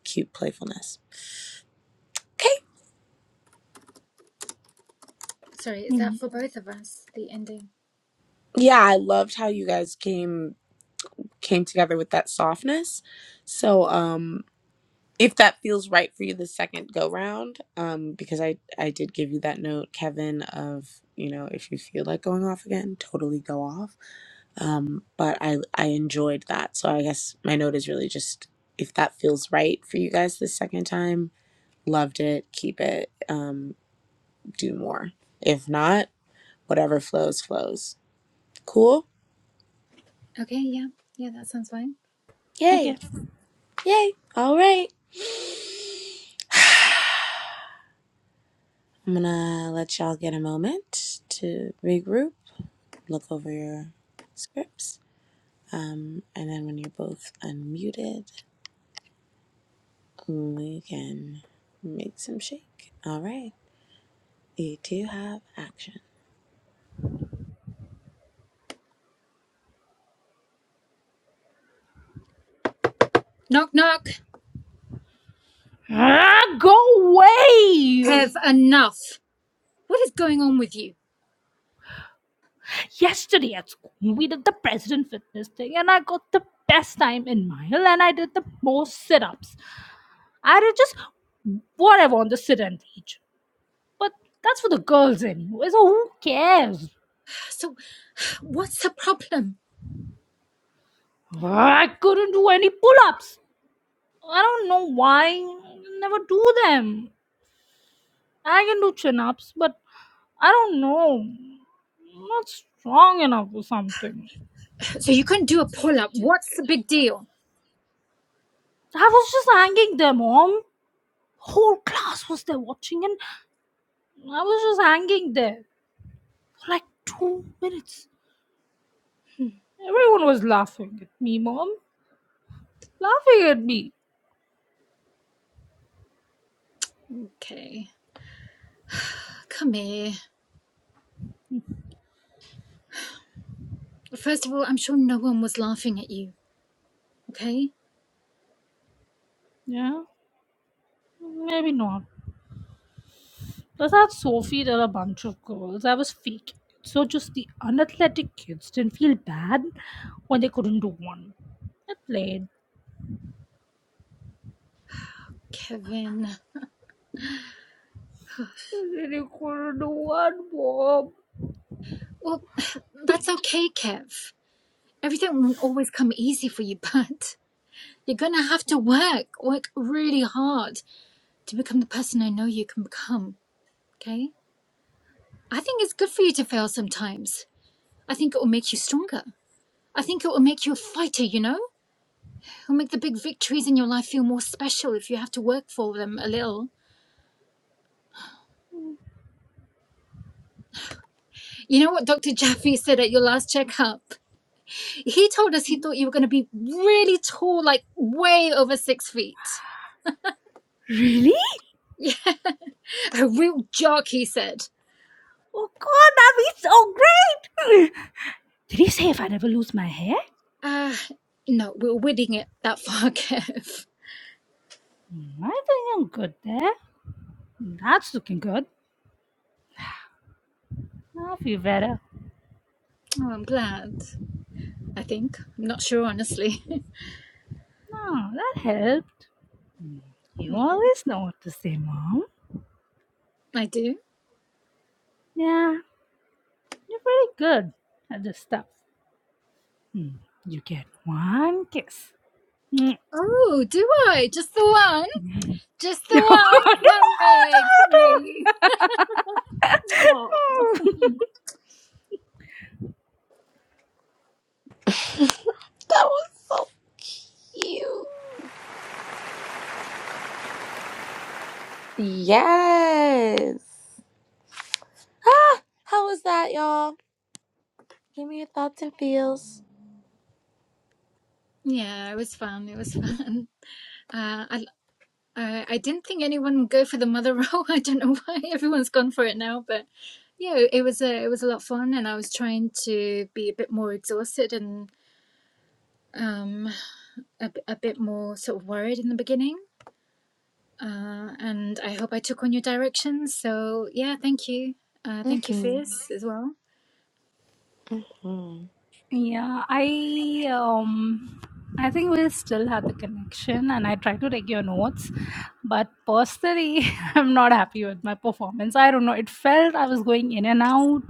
Speaker 4: cute playfulness. Okay.
Speaker 6: Sorry, is that
Speaker 5: Mhm.
Speaker 6: for both of us? The ending.
Speaker 4: Yeah, I loved how you guys came came together with that softness. So, um, if that feels right for you the second go round um because i i did give you that note kevin of you know if you feel like going off again totally go off um but i i enjoyed that so i guess my note is really just if that feels right for you guys the second time loved it keep it um do more if not whatever flows flows cool
Speaker 6: Okay, yeah, yeah, that sounds fine.
Speaker 4: yay
Speaker 5: Okay.
Speaker 4: yay all right i'm gonna let y'all get a moment to regroup look over your scripts Um, and then when you're both unmuted, we can make some shake. All right, you two have action.
Speaker 6: Knock, knock.
Speaker 5: Ah, go away!
Speaker 6: Have enough. What is going on with you?
Speaker 5: Yesterday at school, we did the president fitness thing, and I got the best time in mile, and I did the most sit ups. I did just whatever on the sit and teach. But that's for the girls anyway, so who cares?
Speaker 6: So, what's the problem?
Speaker 5: Ah, I couldn't do any pull ups. I don't know why. I never do them. I can do chin ups, but I don't know. I'm not strong enough or something.
Speaker 6: So, you couldn't do a pull up. What's the big deal?
Speaker 5: I was just hanging there, mom. Whole class was there watching, and I was just hanging there for like two minutes. Everyone was laughing at me, mom. Laughing at me.
Speaker 6: Okay, come here. First of all, I'm sure no one was laughing at you, okay?
Speaker 5: Yeah, maybe not. Plus, I had Sophie, there are a bunch of girls. I was fake. So, just the unathletic kids didn't feel bad when they couldn't do one. I played.
Speaker 6: Kevin.
Speaker 5: They couldn't do one, mom.
Speaker 6: Well, that's okay, Kev. Everything won't always come easy for you, but you're gonna have to work, work really hard. to become the person I know you can become. Okay? I think it's good for you to fail sometimes. I think it will make you stronger. I think it will make you a fighter, you know? It'll make the big victories in your life feel more special if you have to work for them a little. You know what Dr. Jaffe said at your last checkup? He told us he thought you were going to be really tall, like way over six feet.
Speaker 5: Really?
Speaker 6: Yeah, a real jock, he said.
Speaker 5: Oh, God, that'd be so great! Did you say if I'd ever lose my hair?
Speaker 6: Uh, no, we're winning it that far, Kev.
Speaker 5: Hmm, I think I'm good there. Hmm, That's looking good. Now I feel better.
Speaker 6: Oh, I'm glad. I think. I'm not sure, honestly.
Speaker 5: No, that helped. Hmm, You
Speaker 6: Okay.
Speaker 5: always know what to say, Mom.
Speaker 6: I do.
Speaker 5: Yeah, you're pretty good at this stuff. Hmm, You get one kiss. Hmm.
Speaker 6: Oh, do I? Just the one? Just the
Speaker 5: No, no,
Speaker 6: one? Come here,
Speaker 5: no,
Speaker 6: come
Speaker 5: no.
Speaker 6: here, you. Aw.
Speaker 4: That was so cute. Yes. Ah, how was that, y'all? Give me your thoughts and feels.
Speaker 6: Yeah, it was fun. It was fun. Uh, I, I I didn't think anyone would go for the mother role. I don't know why everyone's gone for it now, but yeah, it was a it was a lot of fun, and I was trying to be a bit more exhausted and um a, b- a bit more sort of worried in the beginning. Uh, and I hope I took on your directions. So yeah, thank you. Uh, thank you,
Speaker 4: Mm-hmm.
Speaker 6: Fierce, as well.
Speaker 4: Mm-hmm.
Speaker 5: Yeah, I um I think we still have the connection and I try to take your notes, but personally I'm not happy with my performance. I don't know, it felt I was going in and out.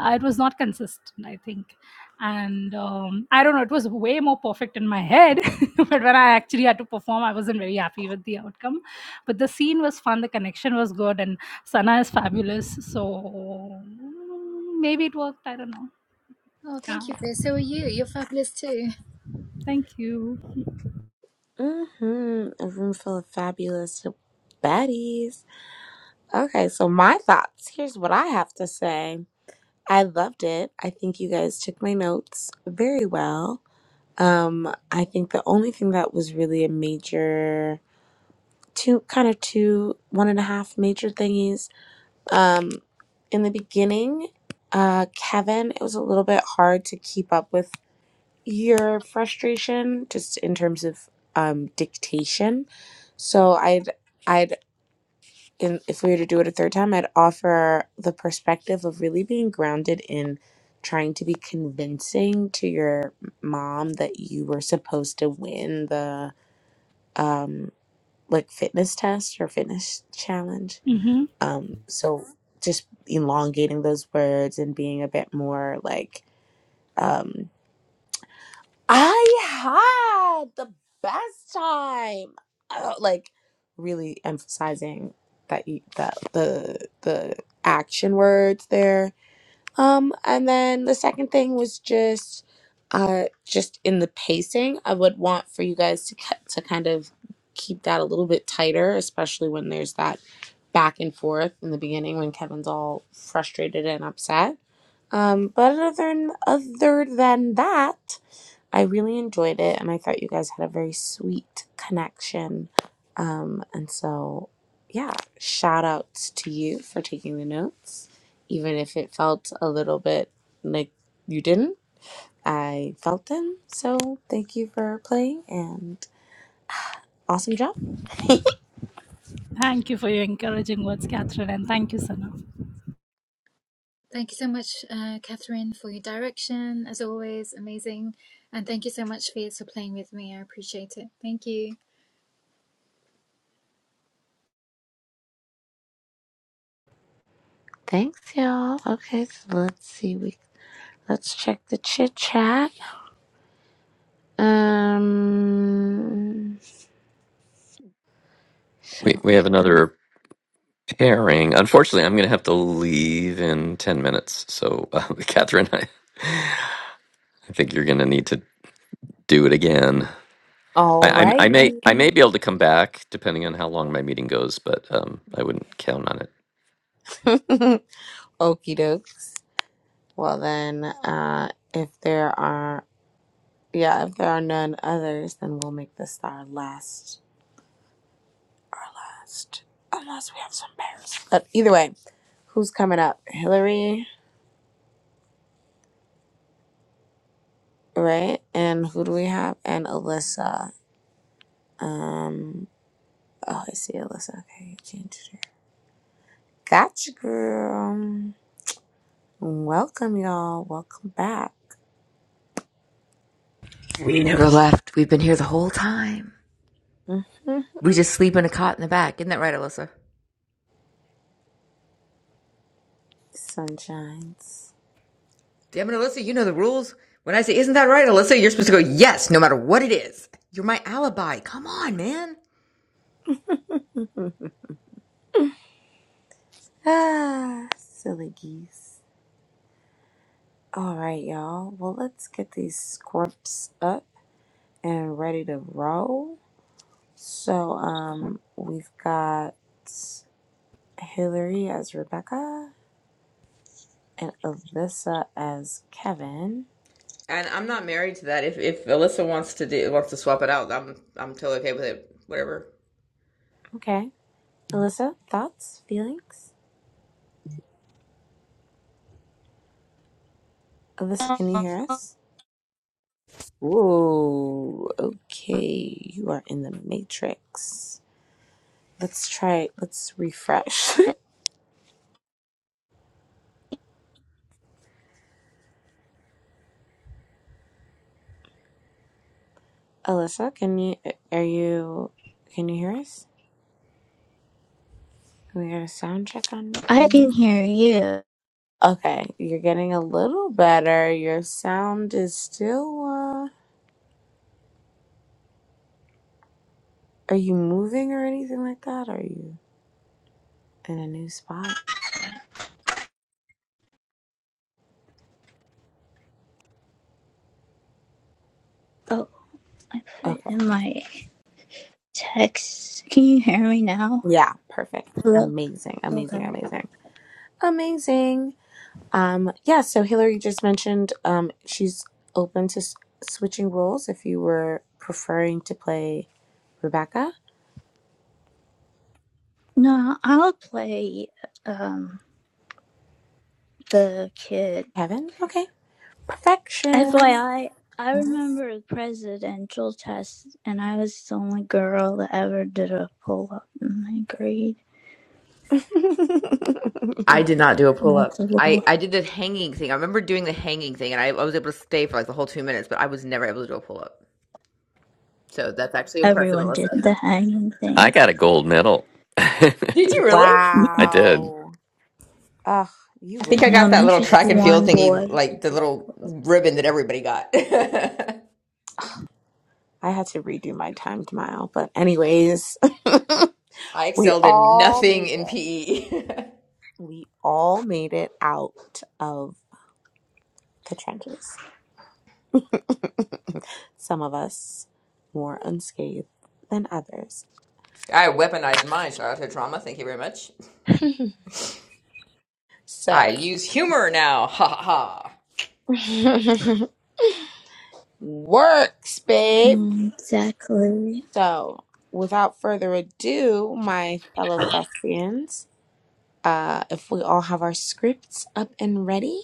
Speaker 5: Uh, it was not consistent, I think. And um, I don't know, it was way more perfect in my head, but when I actually had to perform, I wasn't very happy with the outcome. But the scene was fun, the connection was good, and Sana is fabulous. So maybe it worked. I don't know.
Speaker 6: Oh,
Speaker 5: Yeah.
Speaker 6: thank you, Viz. So are you. You're fabulous too.
Speaker 5: Thank you.
Speaker 4: Mm-hmm. A room full of fabulous baddies. Okay, so my thoughts. Here's what I have to say. I loved it. I think you guys took my notes very well. Um, I think the only thing that was really a major, two kind of two, one and a half major thingies. Um, in the beginning, uh, Kevin, it was a little bit hard to keep up with your frustration, just in terms of um dictation. So I'd I'd and if we were to do it a third time, I'd offer the perspective of really being grounded in trying to be convincing to your mom that you were supposed to win the um like fitness test or fitness challenge.
Speaker 5: Mm-hmm.
Speaker 4: Um so just elongating those words and being a bit more like um I had the best time. Uh, like really emphasizing that you, that the the action words there. Um, and then the second thing was just uh just in the pacing. I would want for you guys to ki- to kind of keep that a little bit tighter, especially when there's that back and forth in the beginning when Kevin's all frustrated and upset. Um, but other than other than that. I really enjoyed it, and I thought you guys had a very sweet connection. Um, and so, yeah, shout outs to you for taking the notes, even if it felt a little bit like you didn't. I felt them, so thank you for playing and awesome job.
Speaker 5: Thank you for your encouraging words, Catherine, and thank you, Sana.
Speaker 6: Thank you so much, uh, Catherine, for your direction. As always, amazing. And thank you so much, Viz, for playing with me. I appreciate it. Thank you.
Speaker 4: Thanks, y'all. Okay, so let's see. We let's check the chit chat. Um.
Speaker 1: We we have another pairing. Unfortunately, I'm going to have to leave in 10 minutes. So, uh, Catherine, I, I think you're going to need to do it again. I, I, I may
Speaker 4: Alrighty.
Speaker 1: I may be able to come back depending on how long my meeting goes, but um, I wouldn't count on it.
Speaker 4: Okie doke. Well then, uh, if there are, yeah, if there are none others, then we'll make this our last, our last, unless we have some pairs. But either way, who's coming up? Hillary, right? And who do we have? And Alyssa. Um, oh, I see Alyssa. Okay, you changed her. Gotcha, girl. Welcome, y'all. Welcome back.
Speaker 7: We never left. We've been here the whole time.
Speaker 4: hmm
Speaker 7: We just sleep in a cot in the back. Isn't that right, Alyssa?
Speaker 4: Sunshines.
Speaker 7: Damn it, Alyssa, you know the rules. When I say, isn't that right, Alyssa, you're supposed to go, yes, no matter what it is. You're my alibi. Come on, man.
Speaker 4: Ah, silly geese. All right, y'all. Well, let's get these scripts up and ready to roll. So, um, we've got Hillary as Rebecca and Alyssa as Kevin.
Speaker 7: And I'm not married to that. If if Alyssa wants to do wants to swap it out, I'm I'm totally okay with it. Whatever.
Speaker 4: Okay. Alyssa, thoughts, feelings? Alyssa, can you hear us? Whoa. Okay. You are in the matrix. Let's try it. Let's refresh. Alyssa, can you, are you, can you hear us? Can we get a sound check on,
Speaker 8: I
Speaker 4: on you?
Speaker 8: can hear you.
Speaker 4: Okay, you're getting a little better. Your sound is still, uh, are you moving or anything like that? Are you in a new spot?
Speaker 8: Oh, I put it
Speaker 4: Okay.
Speaker 8: in my text. Can you hear me now?
Speaker 4: Yeah, perfect.
Speaker 8: Hello.
Speaker 4: Amazing, amazing,
Speaker 8: Okay.
Speaker 4: amazing. Amazing. Um, yeah, so Hillary just mentioned um, she's open to s- switching roles if you were preferring to play Rebecca.
Speaker 8: No, I'll play um the kid.
Speaker 4: Kevin? Okay. Perfection.
Speaker 8: FYI, I I remember the presidential test, and I was the only girl that ever did a pull up in my grade.
Speaker 7: I did not do a pull
Speaker 8: And That's a
Speaker 7: up. I,
Speaker 8: little.
Speaker 7: I did the hanging thing. I remember doing the hanging thing, and I, I was able to stay for like the whole two minutes, but I was never able to do a pull up. So that's actually impressive,
Speaker 8: Everyone did the
Speaker 7: Alyssa.
Speaker 8: hanging
Speaker 1: I
Speaker 8: thing.
Speaker 1: got a gold medal. I
Speaker 7: Did you really?
Speaker 8: In
Speaker 1: did.
Speaker 4: wow. Ugh, you
Speaker 7: I
Speaker 4: would
Speaker 7: think I
Speaker 4: be
Speaker 7: got
Speaker 4: one
Speaker 7: that
Speaker 4: of
Speaker 7: little
Speaker 8: elementary
Speaker 7: track
Speaker 4: those.
Speaker 8: school,
Speaker 7: and field
Speaker 8: one
Speaker 4: three.
Speaker 7: thingy,
Speaker 8: boy could
Speaker 7: like the
Speaker 8: do the
Speaker 7: little
Speaker 8: pull up.
Speaker 7: ribbon that everybody got. I
Speaker 4: I had to redo my timed mile, but anyways, we
Speaker 7: excelled in
Speaker 4: all
Speaker 7: nothing
Speaker 4: made
Speaker 7: in
Speaker 4: it.
Speaker 7: PE.
Speaker 4: We all made it out of the trenches. Some of us more unscathed than others.
Speaker 7: I weaponized my childhood trauma. Thank you very much.
Speaker 4: So,
Speaker 7: I use humor now. Ha ha ha.
Speaker 4: works, babe.
Speaker 8: Mm, exactly.
Speaker 4: So, without further ado, my fellow thespians, uh, if we all have our scripts up and ready.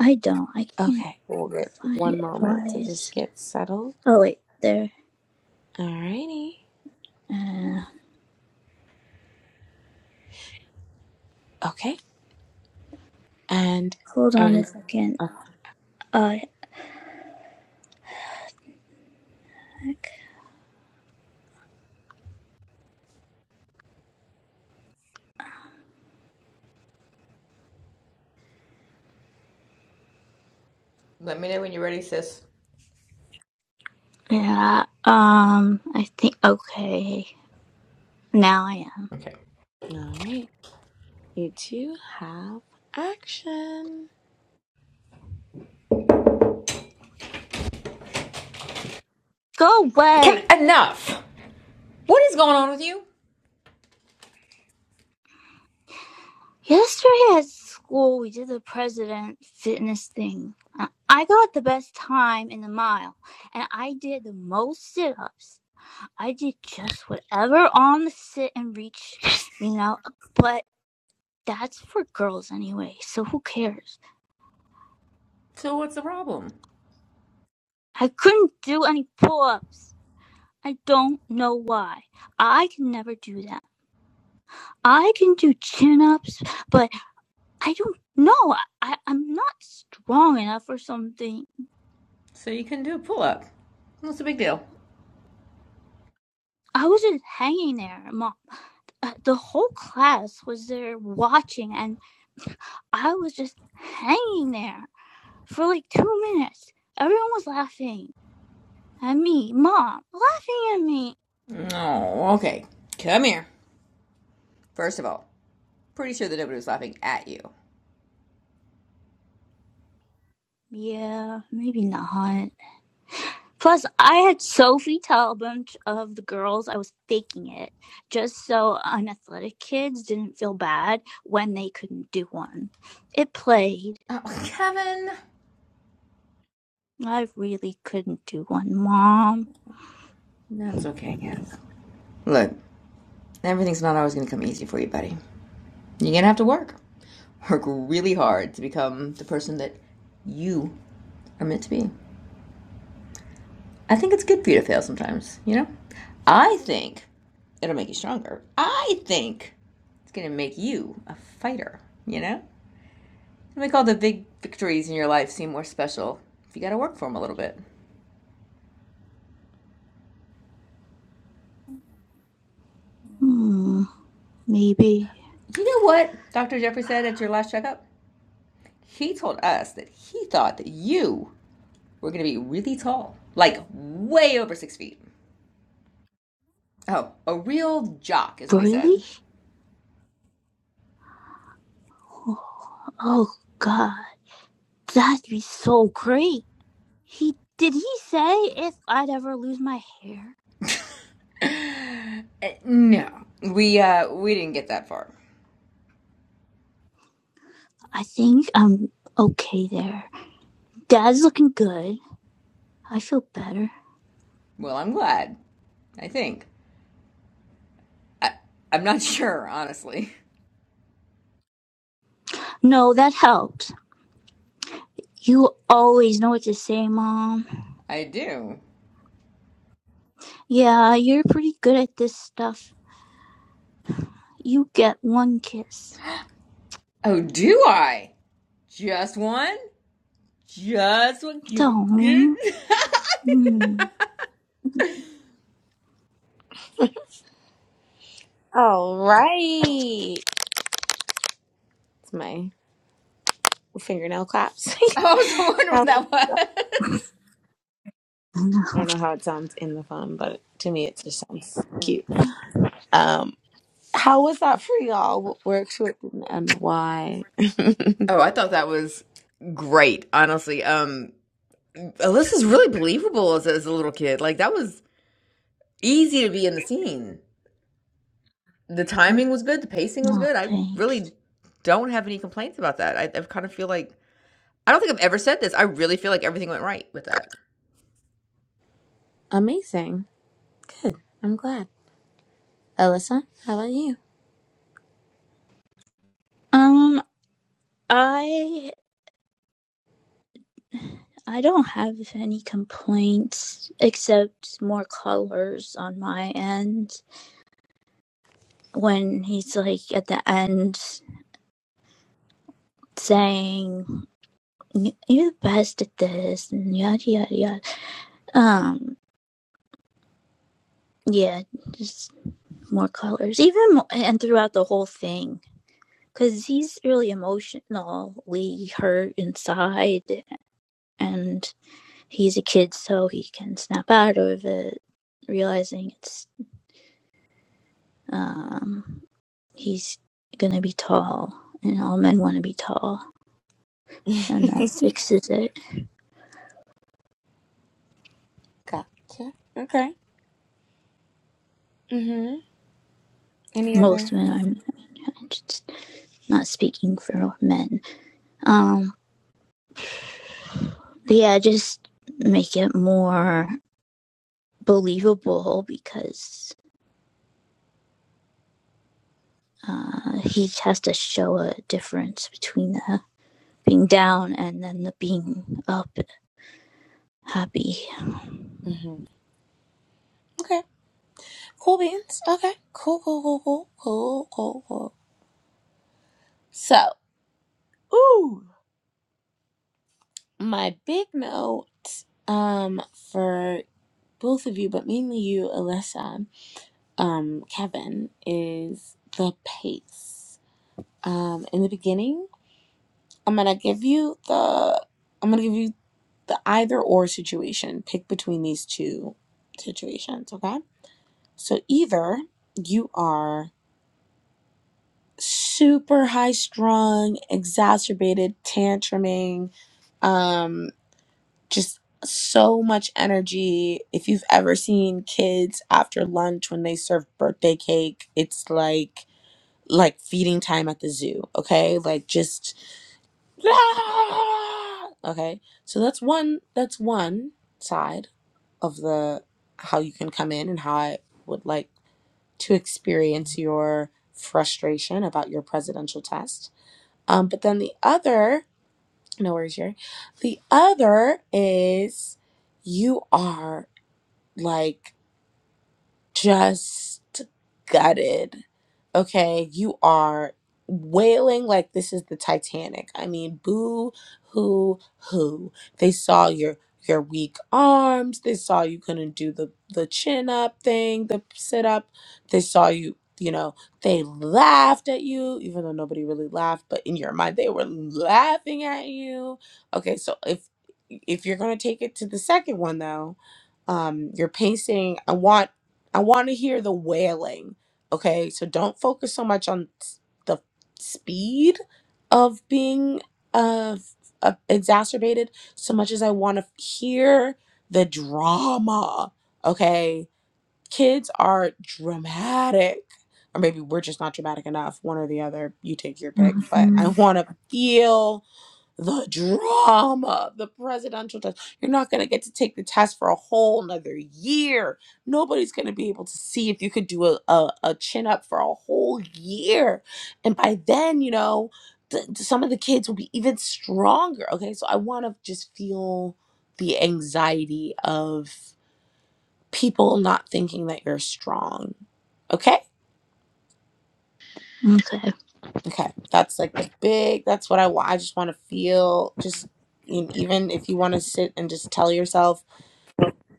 Speaker 8: I don't. I can't.
Speaker 4: Okay, hold it
Speaker 8: find
Speaker 4: one
Speaker 8: it
Speaker 4: moment to just
Speaker 8: was.
Speaker 4: get settled.
Speaker 8: Oh wait, there.
Speaker 4: Alrighty.
Speaker 8: Uh,
Speaker 4: Okay, and
Speaker 8: hold
Speaker 4: are
Speaker 8: on
Speaker 4: we?
Speaker 8: a second.
Speaker 4: Okay.
Speaker 8: Uh, yeah.
Speaker 7: Let me know when you're ready, sis.
Speaker 8: yeah, Um, I think okay. Now I am.
Speaker 7: Okay.
Speaker 4: All right, you two have action.
Speaker 8: Go
Speaker 7: Kevin,
Speaker 8: away.
Speaker 7: enough. What is going on with you?
Speaker 8: Yesterday at school, we did the president fitness thing. Uh, I got the best time in the mile, and I did the most sit-ups. I did just whatever on the sit and reach, you know. But that's for girls anyway, so who cares?
Speaker 7: So what's the problem?
Speaker 8: I couldn't do any pull ups. I don't know why. I can never do that. I can do chin ups, but I don't know. I, I'm not strong enough or something.
Speaker 7: So you can do a pull up. What's the big deal?
Speaker 8: I was just hanging there, Mom. Uh, The whole class was there watching, and I was just hanging there for like two minutes. Everyone was laughing at me, Mom, laughing at me.
Speaker 7: No. Okay. Come here. First of all, pretty sure that nobody was laughing at you.
Speaker 8: Yeah, maybe not. Plus, I had Sophie tell a bunch of the girls I was faking it just so unathletic kids didn't feel bad when they couldn't do one. It played.
Speaker 7: Oh, Kevin.
Speaker 8: I really couldn't do one, Mom.
Speaker 7: That's okay, Kevin. Look, everything's not always going to come easy for you, buddy. You're going to have to work. Work really hard to become the person that you are meant to be. I think it's good for you to fail sometimes, you know? I think it'll make you stronger. I think it's going to make you a fighter, you know? It'll make all the big victories in your life seem more special if you got to work for them a little bit.
Speaker 8: Hmm, maybe.
Speaker 7: You know what Dr. Jeffrey said at your last checkup? He told us that he thought that you We're gonna be really tall, like way over six feet. Oh, a real jock is what he
Speaker 8: Really?
Speaker 7: said.
Speaker 8: Oh, God. That'd be so great. He did he say if I'd ever lose my hair?
Speaker 7: Uh, no. We uh, we didn't get that far.
Speaker 8: I think I'm okay there. Dad's looking good. I feel better.
Speaker 7: Well, I'm glad. I think. I, I'm not sure, honestly.
Speaker 8: No, that helps. You always know what to say, Mom.
Speaker 7: I do.
Speaker 8: Yeah, you're pretty good at this stuff. You get one kiss.
Speaker 7: Oh, do I? Just one? Just one?
Speaker 8: Don't. Mm.
Speaker 4: All right, it's my fingernail claps.
Speaker 7: I was wondering what
Speaker 4: How-
Speaker 7: that was.
Speaker 8: No,
Speaker 4: I don't know how it sounds in the phone, but to me, it just sounds cute. Um, how was that for y'all? What works with you and why?
Speaker 7: Oh, I thought that was great, honestly. Um, Alyssa's really believable as, as a little kid. Like, that was easy to be in the scene. The
Speaker 4: Mhm.
Speaker 7: timing was good, the pacing was
Speaker 8: no,
Speaker 7: good. I
Speaker 8: thanks.
Speaker 7: really don't have any complaints about that. I, I kind of feel like I don't think I've ever said this. I really feel like everything went right with that.
Speaker 4: Amazing. Good. I'm glad. Alyssa, how about
Speaker 8: Um, I I don't have any complaints except more colors on my end when he's like at the end saying "You- are the best at this and yada yada yada. Um, yeah, just. more colors, even mo- and throughout the whole thing, because he's really emotionally hurt inside, and he's a kid, so he can snap out of it, realizing it's um he's gonna be tall, and all men want to be tall, and
Speaker 4: you?
Speaker 8: that fixes it.
Speaker 4: Gotcha. Okay. Mm-hmm. Any
Speaker 8: Most
Speaker 4: other?
Speaker 8: men, I'm, I'm just not speaking for men. Um, but yeah, just make it more believable because uh, he has to show a difference between the being down and then the being up happy.
Speaker 4: Mm-hmm. Okay. Cool beans. Okay. Cool, cool, cool, cool, cool, cool, cool. So, ooh, my big note um for both of you, but mainly you, Alyssa, um, Kevin, is the pace. Um, in the beginning, I'm gonna give you the I'm gonna give you the either or situation. Pick between these two situations, okay? So either you are super high strung, exacerbated, tantruming, um, just so much energy. If you've ever seen kids after lunch when they serve birthday cake, it's like like feeding time at the zoo, okay? Like just okay. So that's one that's one side of the how you can come in and how I would like to experience your frustration about your presidential test. Um, but then the other, no worries, Jerry. The other is you are like just gutted okay, you are wailing like this is the Titanic. I mean, boo hoo hoo. They saw your your weak arms. They saw you couldn't do the the chin up thing, the sit up. They saw you, you know, they laughed at you even though nobody really laughed, but in your mind they were laughing at you. Okay, so if if you're going to take it to the second one though, um you're pacing, I want I want to hear the wailing Okay, so don't focus so much on s- the speed of being uh, f- uh, exacerbated so much as I want to hear the drama. Okay, kids are dramatic, or maybe we're just not dramatic enough. One or the other, you take your pick. But I
Speaker 8: hmm
Speaker 4: want to feel the drama, the presidential test. You're not going to get to take the test for a whole nother year. Nobody's going to be able to see if you could do a, a, a chin up for a whole year. And by then, you know, th- some of the kids will be even stronger. Okay. So I want to just feel the anxiety of people not thinking that you're strong. Okay
Speaker 8: Okay.
Speaker 4: Okay, that's like the big. That's what I want. I just want to feel. Just and even if you want to sit and just tell yourself,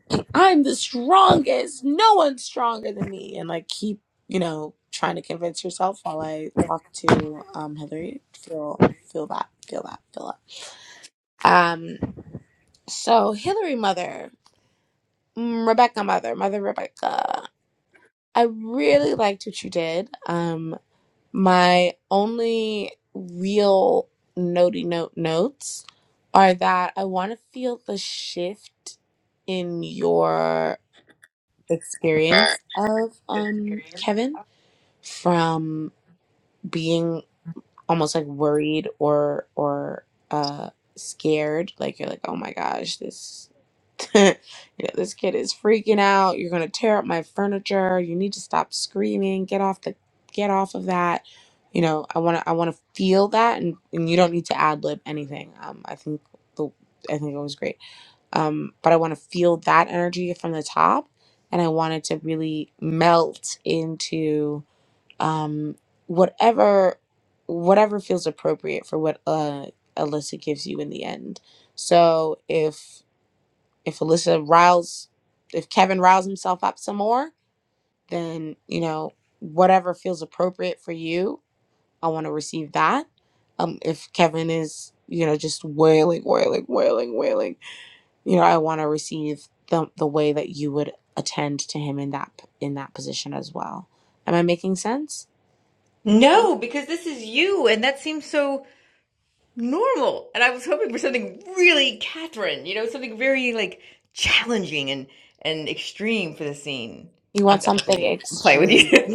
Speaker 4: like, "I'm the strongest. No one's stronger than me," and like keep you know trying to convince yourself while I talk to um Hillary. Feel feel that. Feel that. Feel that. Um. So Hillary, mother, mm, Rebecca, mother, mother Rebecca. I really liked what you did. Um. My only real notey note notes are that I want to feel the shift in your experience of um Kevin from being almost like worried or or uh scared like you're like oh my gosh this you know, this kid is freaking out you're gonna tear up my furniture you need to stop screaming get off the get off of that you know i want to i want to feel that and, and you don't need to ad lib anything um i think the i think it was great um but i want to feel that energy from the top and i want it to really melt into um whatever whatever feels appropriate for what uh Alyssa gives you in the end. So if if Alyssa riles if Kevin riles himself up some more, then you know whatever feels appropriate for you, I want to receive that. Um if Kevin is, you know, just wailing, wailing, wailing, wailing, you know, I want to receive the the way that you would attend to him in that in that position as well. Am I making sense?
Speaker 7: No, because this is you, and that seems so normal. And I was hoping for something really Catherine, you know, something very like challenging and and extreme for the scene.
Speaker 4: You
Speaker 7: I'm,
Speaker 4: want
Speaker 7: I'm fucking with
Speaker 4: something
Speaker 7: you. I'm playing with
Speaker 4: extreme?
Speaker 7: you.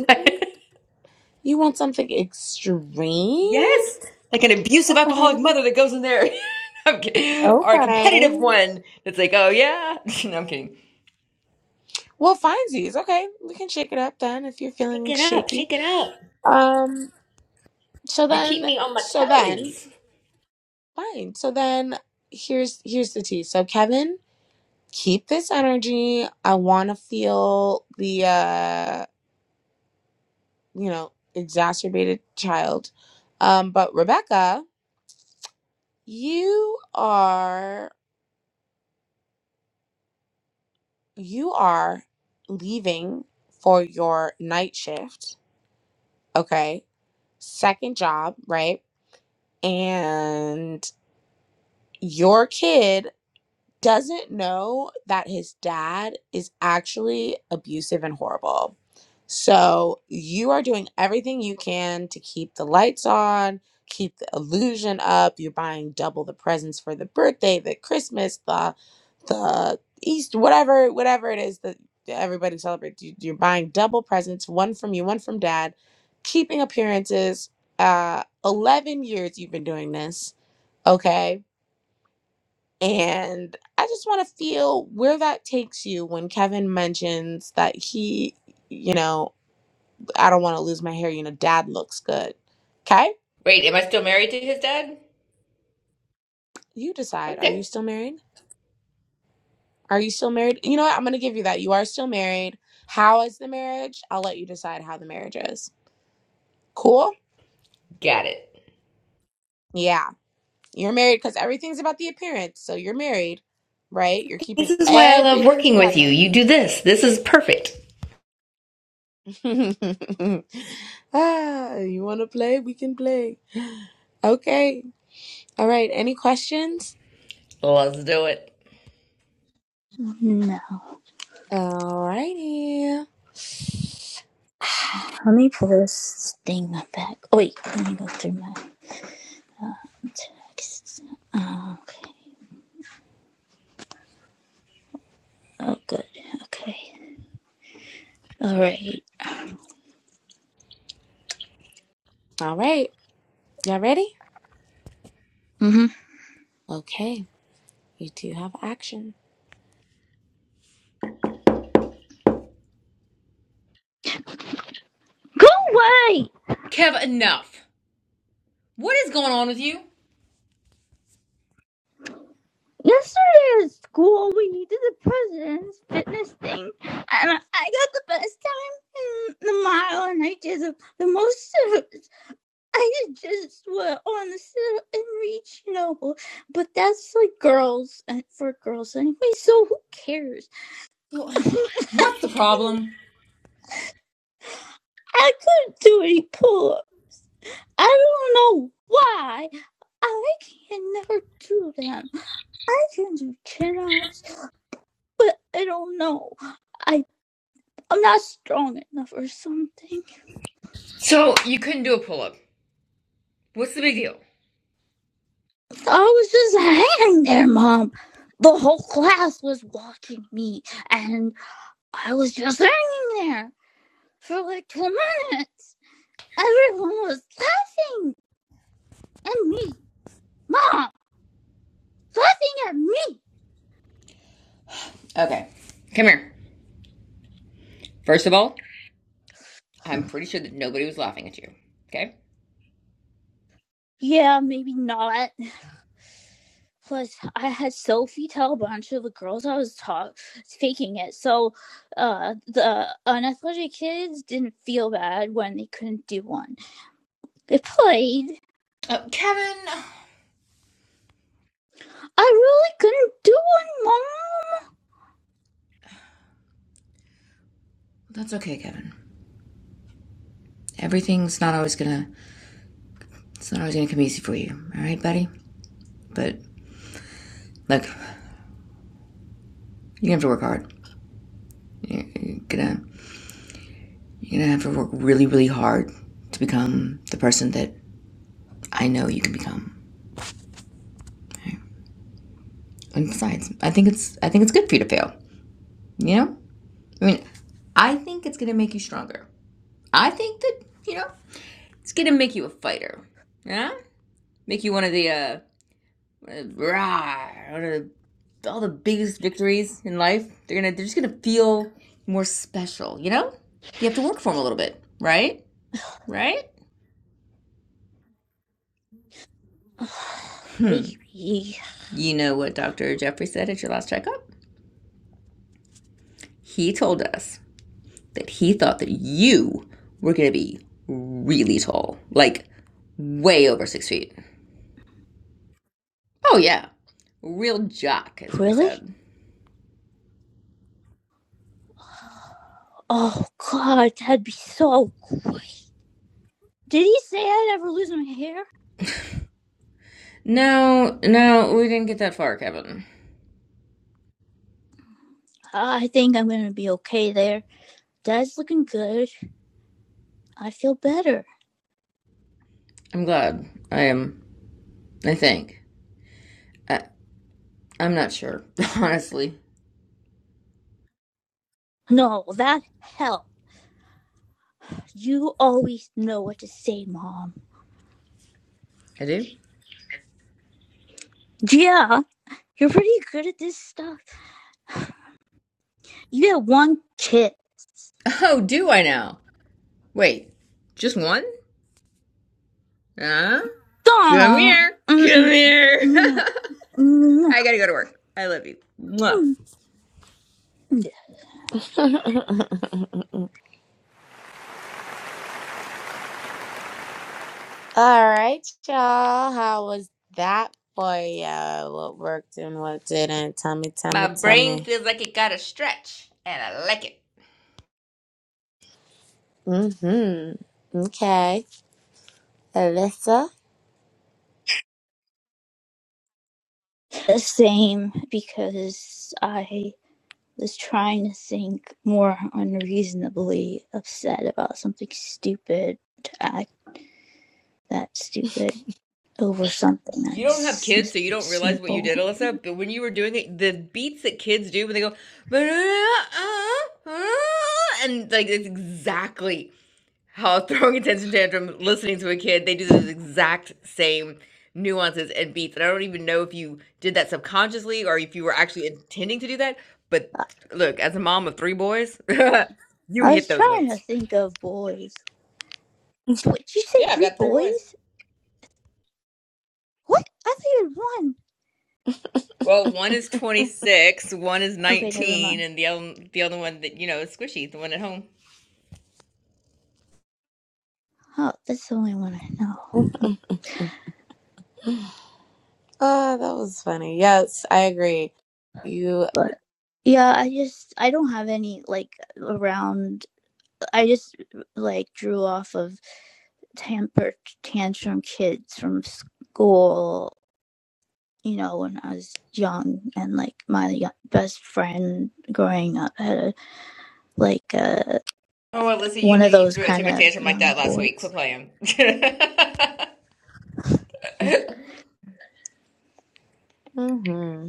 Speaker 4: You want something extreme?
Speaker 7: yes, like an abusive
Speaker 4: Okay.
Speaker 7: alcoholic mother that goes in there. I'm kidding. Or a
Speaker 4: Okay.
Speaker 7: competitive one that's like, oh yeah. no, I'm kidding.
Speaker 4: Well, finesies. Okay, we can shake it up then if you're
Speaker 7: Shake
Speaker 4: feeling
Speaker 7: it up,
Speaker 4: shaky.
Speaker 7: shake it up.
Speaker 4: Um. So
Speaker 7: You keep
Speaker 4: then.
Speaker 7: me on my
Speaker 4: So then.
Speaker 7: toes.
Speaker 4: Fine. So then. Here's here's the tea. So Kevin, keep this energy. I want to feel the uh you know exacerbated child. Um. But Rebecca, you are you are leaving for your night shift, okay? Second job, right? And your kid doesn't know that his dad is actually abusive and horrible. So you are doing everything you can to keep the lights on, keep the illusion up. You're buying double the presents for the birthday, the Christmas, the the East, whatever, whatever it is that everybody celebrates. You- You're buying double presents, one from you, one from dad, keeping appearances. Uh, 11 years you've been doing this, okay? And I just want to feel where that takes you when Kevin mentions that he, you know, I don't want to lose my hair, you know, dad looks good. Okay?
Speaker 7: Wait, am I still married to his dad?
Speaker 4: You decide. Are
Speaker 7: Okay,
Speaker 4: you still married? Are you still married? You know what? I'm going to give you that. You are still married. How is the marriage? I'll let you decide how the marriage is. Cool?
Speaker 7: got it.
Speaker 4: Yeah. You're married because everything's about the appearance. So you're married, right? You're
Speaker 7: This
Speaker 4: keeping
Speaker 7: is why I love
Speaker 4: everything
Speaker 7: working with you.
Speaker 4: together.
Speaker 7: You do this. This is perfect.
Speaker 4: ah, you want to play? We can play. Okay. All right. Any questions?
Speaker 7: Let's do it.
Speaker 8: No.
Speaker 4: All righty.
Speaker 8: Let me pull this thing back. Oh, wait, let me go through my uh, texts. Uh, okay. Oh, good. Okay. All right.
Speaker 4: All right. Y'all ready?
Speaker 8: Mm-hmm.
Speaker 4: Okay. You do have action.
Speaker 8: Go away!
Speaker 7: Kev, enough. What is going on with you?
Speaker 8: Yesterday at school, we did the president's fitness thing, and I got the best time in the mile, and I did the, the most. of it. I just went on the sit and reach, you know. But that's like girls and for girls anyway. So who cares?
Speaker 7: What's the
Speaker 8: I
Speaker 7: problem?
Speaker 8: couldn't do any pull up. I don't know why. I can never do them. I can do chin ups, but I don't know. I. I'm not strong enough or something.
Speaker 7: So, you couldn't do a pull up. What's the big deal?
Speaker 8: So I was just hanging there, Mom. The whole class was watching me, and I was just hanging there for like two minutes. Everyone was laughing at me. Mom, laughing at me.
Speaker 7: Okay, Come here. First of all, I'm pretty sure that nobody was laughing at you. Okay?
Speaker 8: Yeah, maybe not. Plus, I had Sophie tell a bunch of the girls I was talk- faking it. So, uh, the unathletic kids didn't feel bad when they couldn't do one. They played
Speaker 7: uh, Kevin.
Speaker 8: I really couldn't do
Speaker 7: That's okay, Kevin. Everything's not always gonna. It's not always gonna come easy for you. All right, buddy. But like, you have to work hard. You're gonna you're gonna have to work really, really hard to become the person that I know you can become. right? And besides, I think it's I think it's good for you to fail. You know, I mean, I think it's gonna make you stronger. I think that you know it's gonna make you a fighter. Yeah, make you one of the uh, one of rah, one of the, all the biggest victories in life. They're gonna they're just gonna feel more special. You know, you have to work for them a little bit, right? Right?
Speaker 8: it, Mom.
Speaker 7: Hmm.
Speaker 8: Maybe.
Speaker 7: You know what Dr. Jeffrey said at your last checkup? He told us that he thought that you were going to be really tall, like way over six feet. Oh, yeah. Real jock, is what he
Speaker 8: Really?
Speaker 7: said.
Speaker 8: Oh, God, that'd be so great. Did he say I'd ever lose my hair?
Speaker 7: No, no, we didn't get that far, Kevin.
Speaker 8: I think I'm going to be okay there. Dad's looking good. I feel better.
Speaker 7: I'm glad. I am, I think. I, I'm not sure, honestly.
Speaker 8: No, that helped. You always know what to say, Mom.
Speaker 7: I do?
Speaker 8: Yeah, you're pretty good at this stuff. You had one kid.
Speaker 7: Oh, do I now? Wait, just one? Huh? Come
Speaker 8: Don't.
Speaker 7: here. Come
Speaker 8: Mm-mm.
Speaker 7: here.
Speaker 8: No.
Speaker 7: I gotta go to work. I love you. Mwah.
Speaker 8: No.
Speaker 4: All right, y'all. How was that for you? What worked and what didn't? Tell me, tell
Speaker 7: My
Speaker 4: me, tell
Speaker 7: brain
Speaker 4: me.
Speaker 7: feels like it got a stretch, and I like it.
Speaker 4: Mm-hmm. Okay. Alyssa?
Speaker 8: The same because I was trying to think more unreasonably upset about something stupid to act that stupid over something
Speaker 7: You don't have
Speaker 8: that's
Speaker 7: kids, so you don't realize what you did,
Speaker 8: simple.
Speaker 7: Alyssa. But when you were doing it, the beats that kids do when they go, and like it's exactly how throwing a tantrum, tantrum, listening to a kid, they do those exact same nuances and beats. And I don't even know if you did that subconsciously or if you were actually intending to do that. But
Speaker 8: I
Speaker 7: look, as a mom of three boys, you hit
Speaker 8: was
Speaker 7: those
Speaker 8: trying
Speaker 7: notes.
Speaker 8: to think of boys. What, did you say
Speaker 7: Yeah, I've
Speaker 8: three
Speaker 7: got three boys.
Speaker 8: boys? What? I thought you had one.
Speaker 7: Well, one is 26, one is
Speaker 8: Okay, never
Speaker 7: 19,
Speaker 8: mind.
Speaker 7: and the other, the other one that, you know, is squishy, the one at home.
Speaker 8: Oh, that's the only one I know.
Speaker 4: Oh, that was funny. Yes, I agree. You.
Speaker 8: But yeah, I just I don't have any like around. I just like drew off of temper tantrum kids from school, you know, when I was young. And like my best friend growing up had a, like uh,
Speaker 7: Oh, Alyssa, you
Speaker 8: one
Speaker 7: knew
Speaker 8: of
Speaker 7: you
Speaker 8: those
Speaker 7: threw a
Speaker 8: kind
Speaker 7: temper
Speaker 8: of
Speaker 7: tantrum like
Speaker 8: young
Speaker 7: that last week. Quit
Speaker 8: boys.
Speaker 7: playing. it
Speaker 4: Mhm.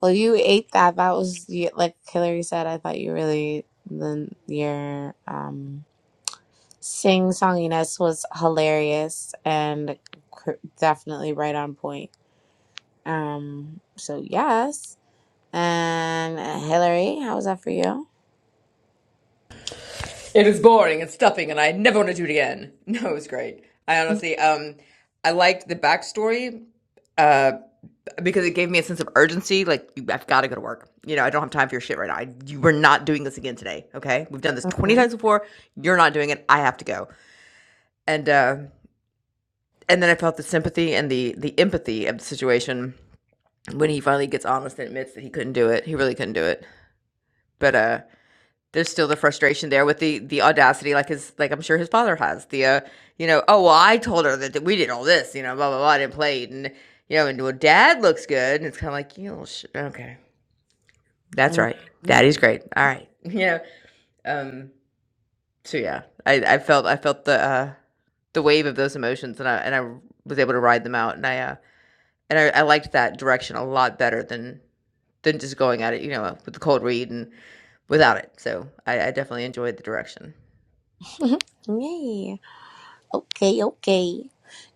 Speaker 4: Well, you ate that. That was you- like Hillary said. I thought you really the your um sing songiness was hilarious and cr- definitely right on point. Um, so yes. And uh, Hillary, how was that for you?
Speaker 7: is boring and stuffing, and I never want to do it again. No, it was great. I honestly, um, I liked the backstory uh, because it gave me a sense of urgency. Like, you, I've got to go to work. You know, I don't have time for your shit right now. I, you are not doing this again today. Okay, we've done this twenty
Speaker 4: Mhm.
Speaker 7: times before. You're not doing it. I have to go. And uh, and then I felt the sympathy and the the empathy of the situation when he finally gets honest and admits that he couldn't do it. He really couldn't do it. But uh there's still the frustration there with the the audacity like his like I'm sure his father has. The uh you know, oh well I told her that, we did all this, you know, blah blah blah I didn't play it. and you know, and well dad looks good and it's kinda like, you know, sh- okay. That's right.
Speaker 4: Mhm.
Speaker 7: Daddy's great. All right. You know, um so yeah. I, I felt I felt the uh the wave of those emotions and I and I was able to ride them out and I uh And I I liked that direction a lot better than than just going at it, you know, with the cold read and without it. So I, I definitely enjoyed the direction.
Speaker 4: Yay. Okay, okay.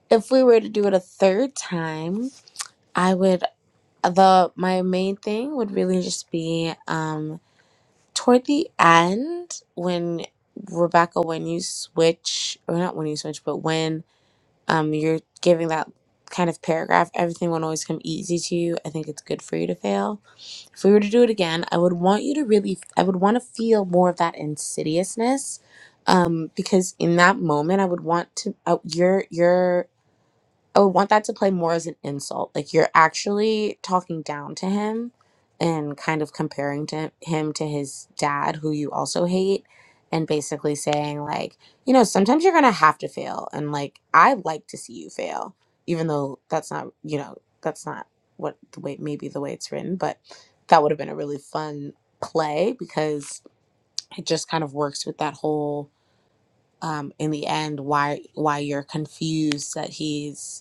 Speaker 4: If we were to do it a third time, I would the my main thing would really just be um toward the end when rebecca when you switch or not when you switch but when um you're giving that kind of paragraph everything won't always come easy to you i think it's good for you to fail if we were to do it again i would want you to really i would want to feel more of that insidiousness um because in that moment i would want to uh, your your I would want that to play more as an insult. Like you're actually talking down to him and kind of comparing to him to his dad, who you also hate, and basically saying like, you know, sometimes you're gonna have to fail, and like I like to see you fail, even though that's not, you know, that's not what the way maybe the way it's written, but that would have been a really fun play because it just kind of works with that whole um in the end why why you're confused that he's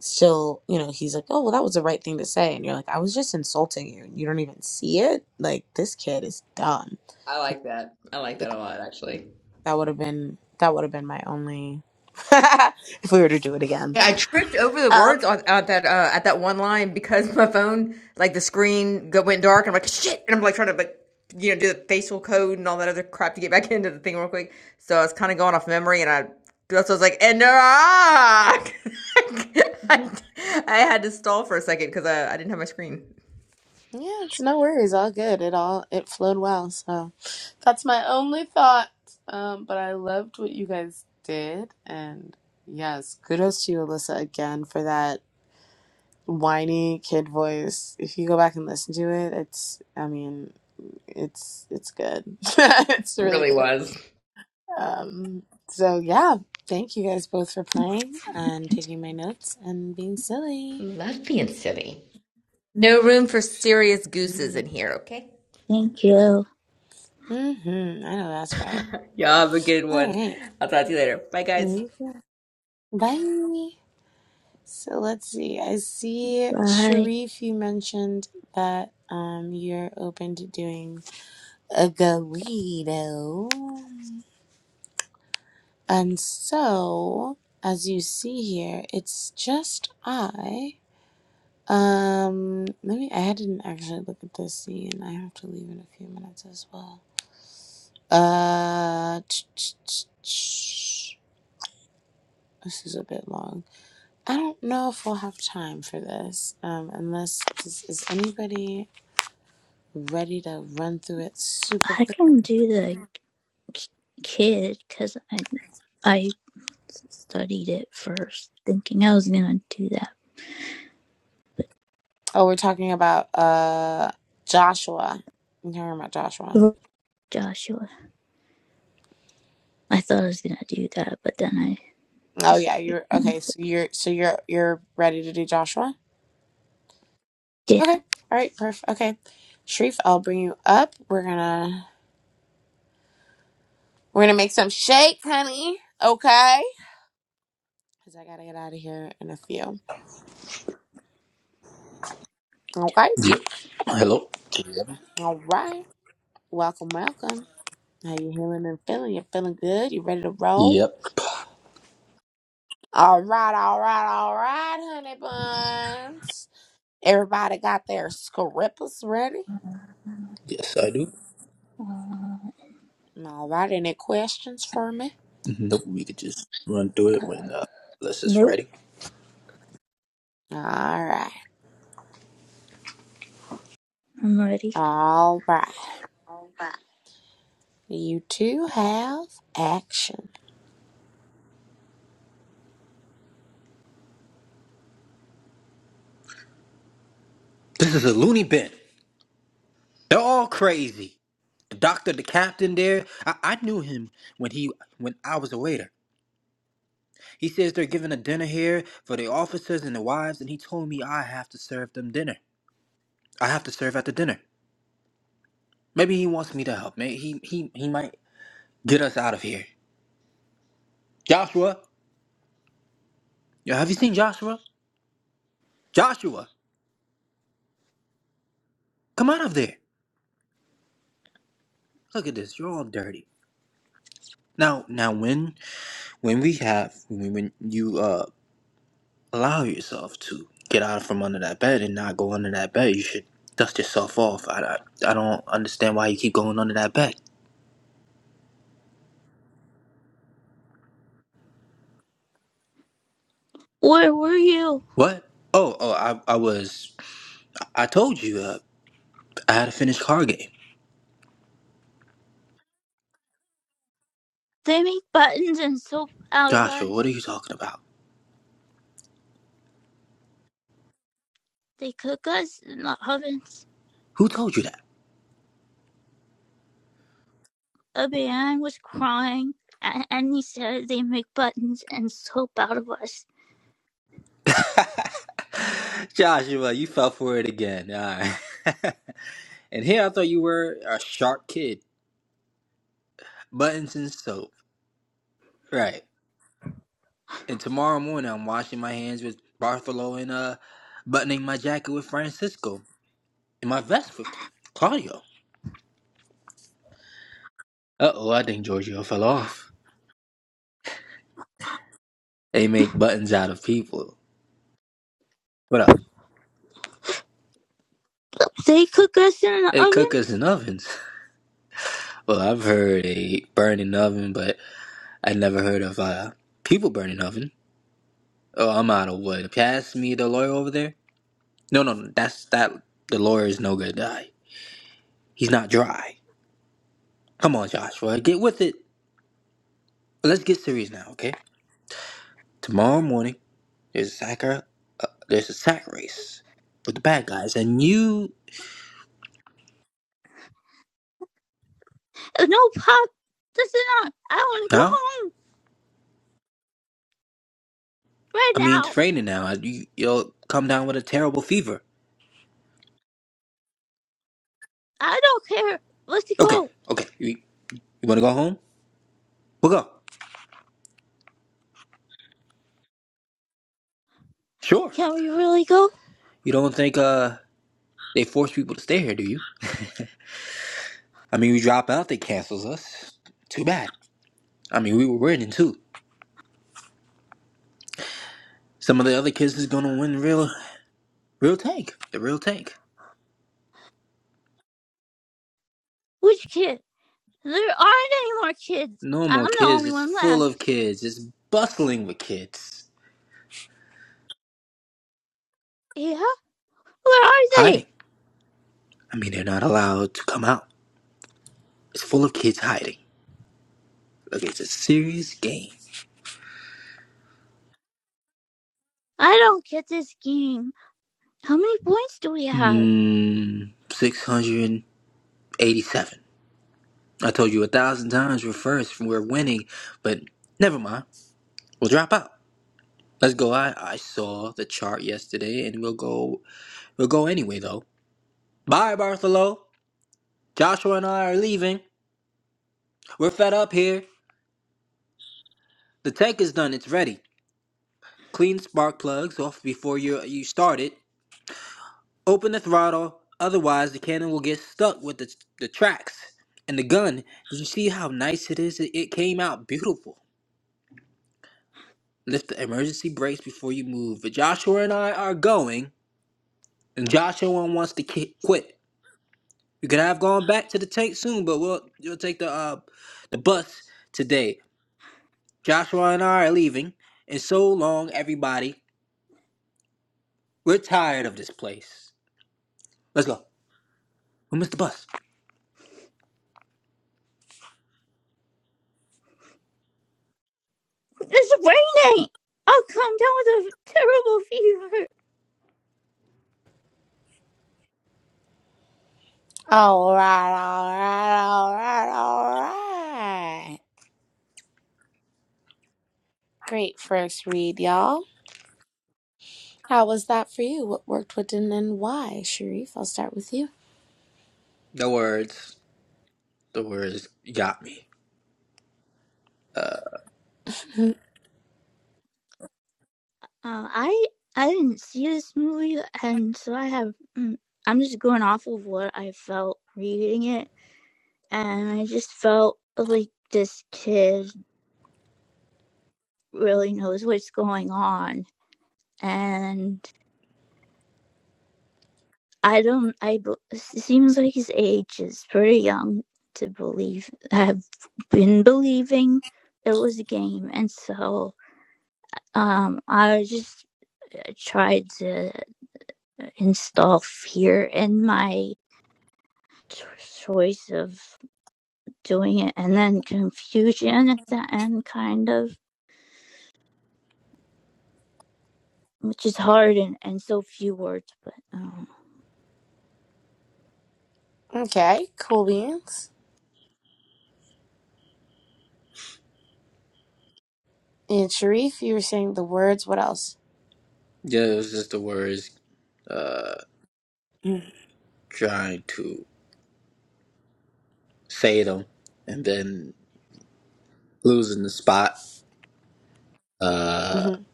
Speaker 4: she'll, you know, he's like, oh, well, that was the right thing to say. And you're like, I was just insulting you. You don't even see it. Like, this kid is dumb.
Speaker 7: I like that. I like
Speaker 4: Yeah.
Speaker 7: that a lot, actually.
Speaker 4: That would have been, that would have been my only, if we were to do it again.
Speaker 7: Yeah, I tripped over the
Speaker 4: Um,
Speaker 7: words on, on that uh, at that one line because my phone, like the screen, go, went dark, and I'm like shit, and I'm like trying to like you know do the facial code and all that other crap to get back into the thing real quick. So I was kind of going off memory, and I that's what I was like, and ah! I,
Speaker 4: mhm.
Speaker 7: I had to stall for a second because I, I didn't have my screen.
Speaker 4: yeah, it's no worries. All good. It all, it flowed well. So That's my only thought. Um, but I loved what you guys did, and yes, kudos to you, Alyssa, again for that. whiny kid voice. If you go back and listen to it, it's I mean, it's it's good. it's really
Speaker 7: really
Speaker 4: good.
Speaker 7: was.
Speaker 4: Um so yeah, thank you guys both for playing and taking my notes and being silly.
Speaker 7: Love being silly. No room for serious gooses
Speaker 4: Mhm.
Speaker 7: in here, okay?
Speaker 8: Thank you.
Speaker 4: Mhm. I know that's right.
Speaker 7: Y'all have a good
Speaker 4: All
Speaker 7: one.
Speaker 4: right.
Speaker 7: I'll talk to you later. Bye, guys.
Speaker 4: You can- Bye. So let's see. I see
Speaker 8: Bye.
Speaker 4: Sharif you mentioned that um you're open to doing a Galito. And so, as you see here, it's just I. Um, let me. I hadn't actually look at this scene. I have to leave in a few minutes as well. Uh, ch- ch- ch- ch- this is a bit long. I don't know if we'll have time for this. Um, unless is, is anybody ready to run through it super
Speaker 8: I
Speaker 4: quick?
Speaker 8: can do the k- kid because I I studied it first, thinking I was gonna do
Speaker 4: Oh, we're talking about uh Joshua. We're talking about Joshua.
Speaker 8: that. Joshua, I thought I was gonna do that, but then I
Speaker 4: Oh yeah,
Speaker 8: decided,
Speaker 4: you're
Speaker 8: mm,
Speaker 4: okay. So you're so you're you're ready to do Joshua.
Speaker 8: yeah.
Speaker 4: Okay, all right, perfect. Okay, Sharif, I'll bring you up. We're gonna we're gonna make some shake, honey. Okay, because I gotta get out of here in a few. Okay,
Speaker 9: Yep. Hello. Can you hear me?
Speaker 4: all right. Welcome, welcome. How you healing and feeling? You feeling good? You ready to roll?
Speaker 9: Yep.
Speaker 4: All right, all right, all right, honey buns. Everybody got their scribbles ready.
Speaker 9: Yes, I do.
Speaker 8: Uh,
Speaker 4: All right, any questions for me?
Speaker 9: Nope. We could just run through it when uh, unless it's
Speaker 8: Nope,
Speaker 9: Friday.
Speaker 4: All right.
Speaker 8: I'm ready.
Speaker 4: All right.
Speaker 8: All right.
Speaker 4: You two have action.
Speaker 9: This is a loony bin. They're all crazy. The doctor, the captain there, I, I knew him when he when I was a waiter. He says they're giving a dinner here for the officers and the wives, and he told me I have to serve them dinner. I have to serve at the dinner. Maybe he wants me to help. Maybe he he he might get us out of here. Joshua, yo, have you seen Joshua? Joshua, come out of there. Look at this. You're all dirty. Now, now, when when we have when, when you uh allow yourself to get out from under that bed and not go under that bed, you should dust yourself off. I, I, I don't understand why you keep going under that bed.
Speaker 8: Where were you?
Speaker 9: What? Oh, oh, I I was I told you uh, I had a finished car game.
Speaker 8: They make buttons and soap out of
Speaker 9: Joshua, what are
Speaker 8: us.
Speaker 9: you talking about?
Speaker 8: They cook us in the ovens.
Speaker 9: Who told you
Speaker 8: A man was crying, and he said they make buttons and soap out of us.
Speaker 9: that? Joshua, you fell for it again. All right. and here I thought you were a sharp kid. Buttons and soap. Right. And tomorrow morning, I'm washing my hands with Bartholo and uh, buttoning my jacket with Francisco and my vest with Claudio. Uh oh, I think Giorgio fell off. They make buttons out of people. What up?
Speaker 8: They cook us in the
Speaker 9: They cook
Speaker 8: oven?
Speaker 9: us in ovens. Well, I've heard a burning oven, but I never heard of uh, people burning oven. Oh, I'm out of wood. Pass me the lawyer over there. No, no, no, that's that. The lawyer is no good. Uh, he's not dry. Come on, Joshua, get with it. Let's get serious now, okay? Tomorrow morning. There's Sakura. Uh, there's a sack race with the bad guys, and you
Speaker 8: No, Pop, this is I want to go
Speaker 9: no.
Speaker 8: home right
Speaker 9: I mean,
Speaker 8: now.
Speaker 9: it's raining now. You, you'll come down with a terrible fever.
Speaker 8: I don't care. Let's
Speaker 9: Okay,
Speaker 8: go.
Speaker 9: okay. You, you want to go home? We'll go. Sure.
Speaker 8: Can we really go?
Speaker 9: You don't think uh they force people to stay here, do you? I mean, we drop out, they cancels us. Too bad. I mean, we were winning too. Some of the other kids is gonna win real, real tank. The real tank.
Speaker 8: Which kid? There aren't any more kids.
Speaker 9: No
Speaker 8: I'm
Speaker 9: more
Speaker 8: the
Speaker 9: kids.
Speaker 8: only
Speaker 9: It's
Speaker 8: one
Speaker 9: full
Speaker 8: left.
Speaker 9: of kids. It's bustling with kids
Speaker 8: Yeah, where are they?
Speaker 9: hiding. I mean, they're not allowed to come out. It's full of kids hiding. Look, it's a serious game.
Speaker 8: I don't get this game. How many points do we have?
Speaker 9: Mmm, 687. I told you a thousand times we're first, and we're winning, but never mind. We'll drop out. Let's go. I, I saw the chart yesterday, and we'll go. We'll go anyway, though. Bye, Bartholo. Joshua and I are leaving. We're fed up here. The tank is done. It's ready. Clean spark plugs off before you you start it. Open the throttle, otherwise the cannon will get stuck with the, the tracks and the gun. Did you see how nice it is? It came out beautiful. Lift the emergency brakes before you move. But Joshua and I are going, and Joshua wants to ki- quit. We could have gone back to the tank soon, but we'll you'll take the uh, the bus today. Joshua and I are leaving, and so long, everybody. We're tired of this place. Let's go. We missed the bus.
Speaker 8: It's raining. I'll come down with a terrible fever.
Speaker 4: All right, all right, all right, all right. Great first read, y'all. How was that for you? What worked, what didn't, and why? Sharif, I'll start with you.
Speaker 9: The words, the words got me.
Speaker 8: Uh, I I didn't see this movie, and so I have. mm, I'm just going off of what I felt reading it, and I just felt like this kid really knows what's going on, and I don't. I b- seems like his age is pretty young to believe. Have been believing it was a game, and so um, I just uh, tried to install fear in my cho- choice of doing it, and then confusion at the end, kind of, which is hard and and so few words. But um,
Speaker 4: Mhm. okay, cool beans. And Sharif, you were saying the words. What else?
Speaker 9: Yeah, it was just the words uh, trying to say them and then losing the spot. Uh,
Speaker 4: Mm-hmm.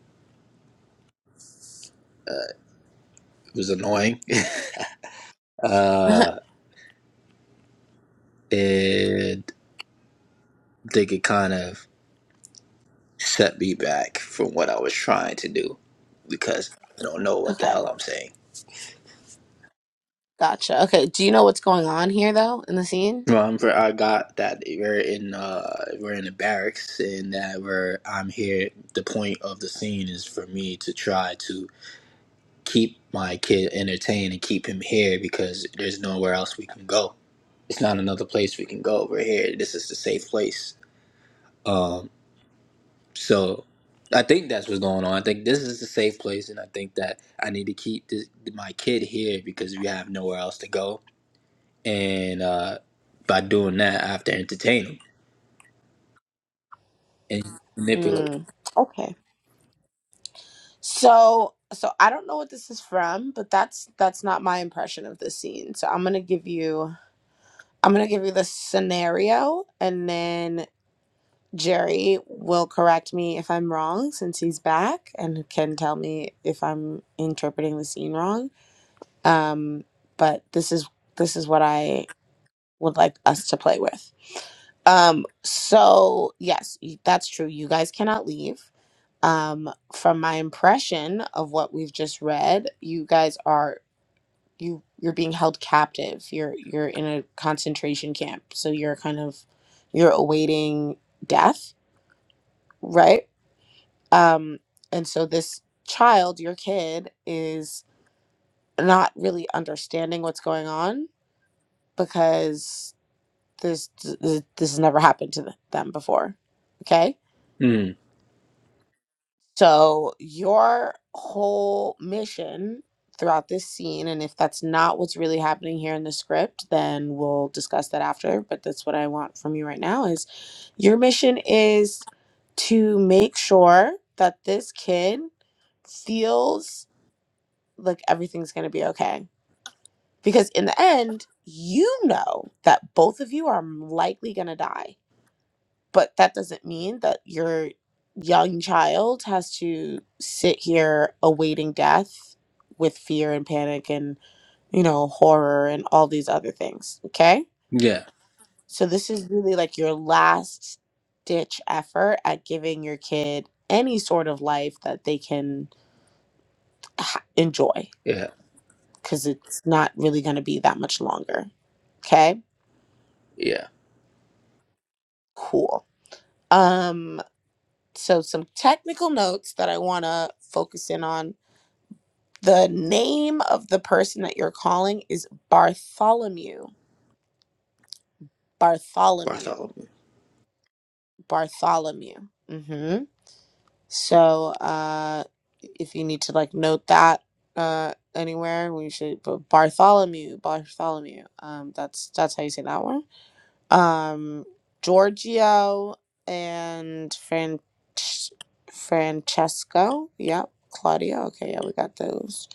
Speaker 9: it was annoying. uh, and I think it kind of set me back from what I was trying to do because I don't know what the
Speaker 4: okay,
Speaker 9: hell I'm saying.
Speaker 4: gotcha. Okay, do you know what's going on here, though, in the scene?
Speaker 9: Well, I'm, I got that we're in uh, we're in the barracks and that we're I'm here. The point of the scene is for me to try to keep my kid entertained and keep him here because there's nowhere else we can go. It's not another place we can go. We're here. This is the safe place. Um, so I think that's what's going on. I think this is the safe place, and I think that I need to keep this, my kid here because we have nowhere else to go. And uh, by doing that, I have to entertain him and manipulate.
Speaker 4: Mm. Okay. So so I don't know what this is from, but that's that's not my impression of the scene. So I'm gonna give you I'm gonna give you the scenario and then Jerry will correct me if I'm wrong since he's back and can tell me if I'm interpreting the scene wrong. Um, but this is this is what I would like us to play with. Um, so yes, y- that's true. You guys cannot leave. Um, from my impression of what we've just read, you guys are you you're being held captive. You're you're in a concentration camp. So you're kind of you're awaiting death, right? Um, and so this child, your kid, is not really understanding what's going on because this this, this has never happened to them before. Okay
Speaker 9: him. Mm,
Speaker 4: So, your whole mission throughout this scene, and if that's not what's really happening here in the script, then we'll discuss that after. But that's what I want from you right now is your mission is to make sure that this kid feels like everything's going to be okay. Because in the end, you know that both of you are likely going to die but that doesn't mean that your young child has to sit here awaiting death with fear and panic and you know horror and all these other things okay
Speaker 9: yeah,
Speaker 4: so this is really like your last ditch effort at giving your kid any sort of life that they can ha- enjoy
Speaker 9: yeah,
Speaker 4: because it's not really going to be that much longer okay
Speaker 9: yeah.
Speaker 4: cool um so some technical notes that i want to focus in on The name of the person that you're calling is Bartholomew. Bartholomew.
Speaker 9: Bartholomew.
Speaker 4: Bartholomew. hmm So uh, if you need to like note that uh, anywhere, we should put Bartholomew. Bartholomew. Um, that's that's how you say that one. Um, Giorgio and Fran- Francesco. Yep. Claudia. Okay. Yeah, we got those.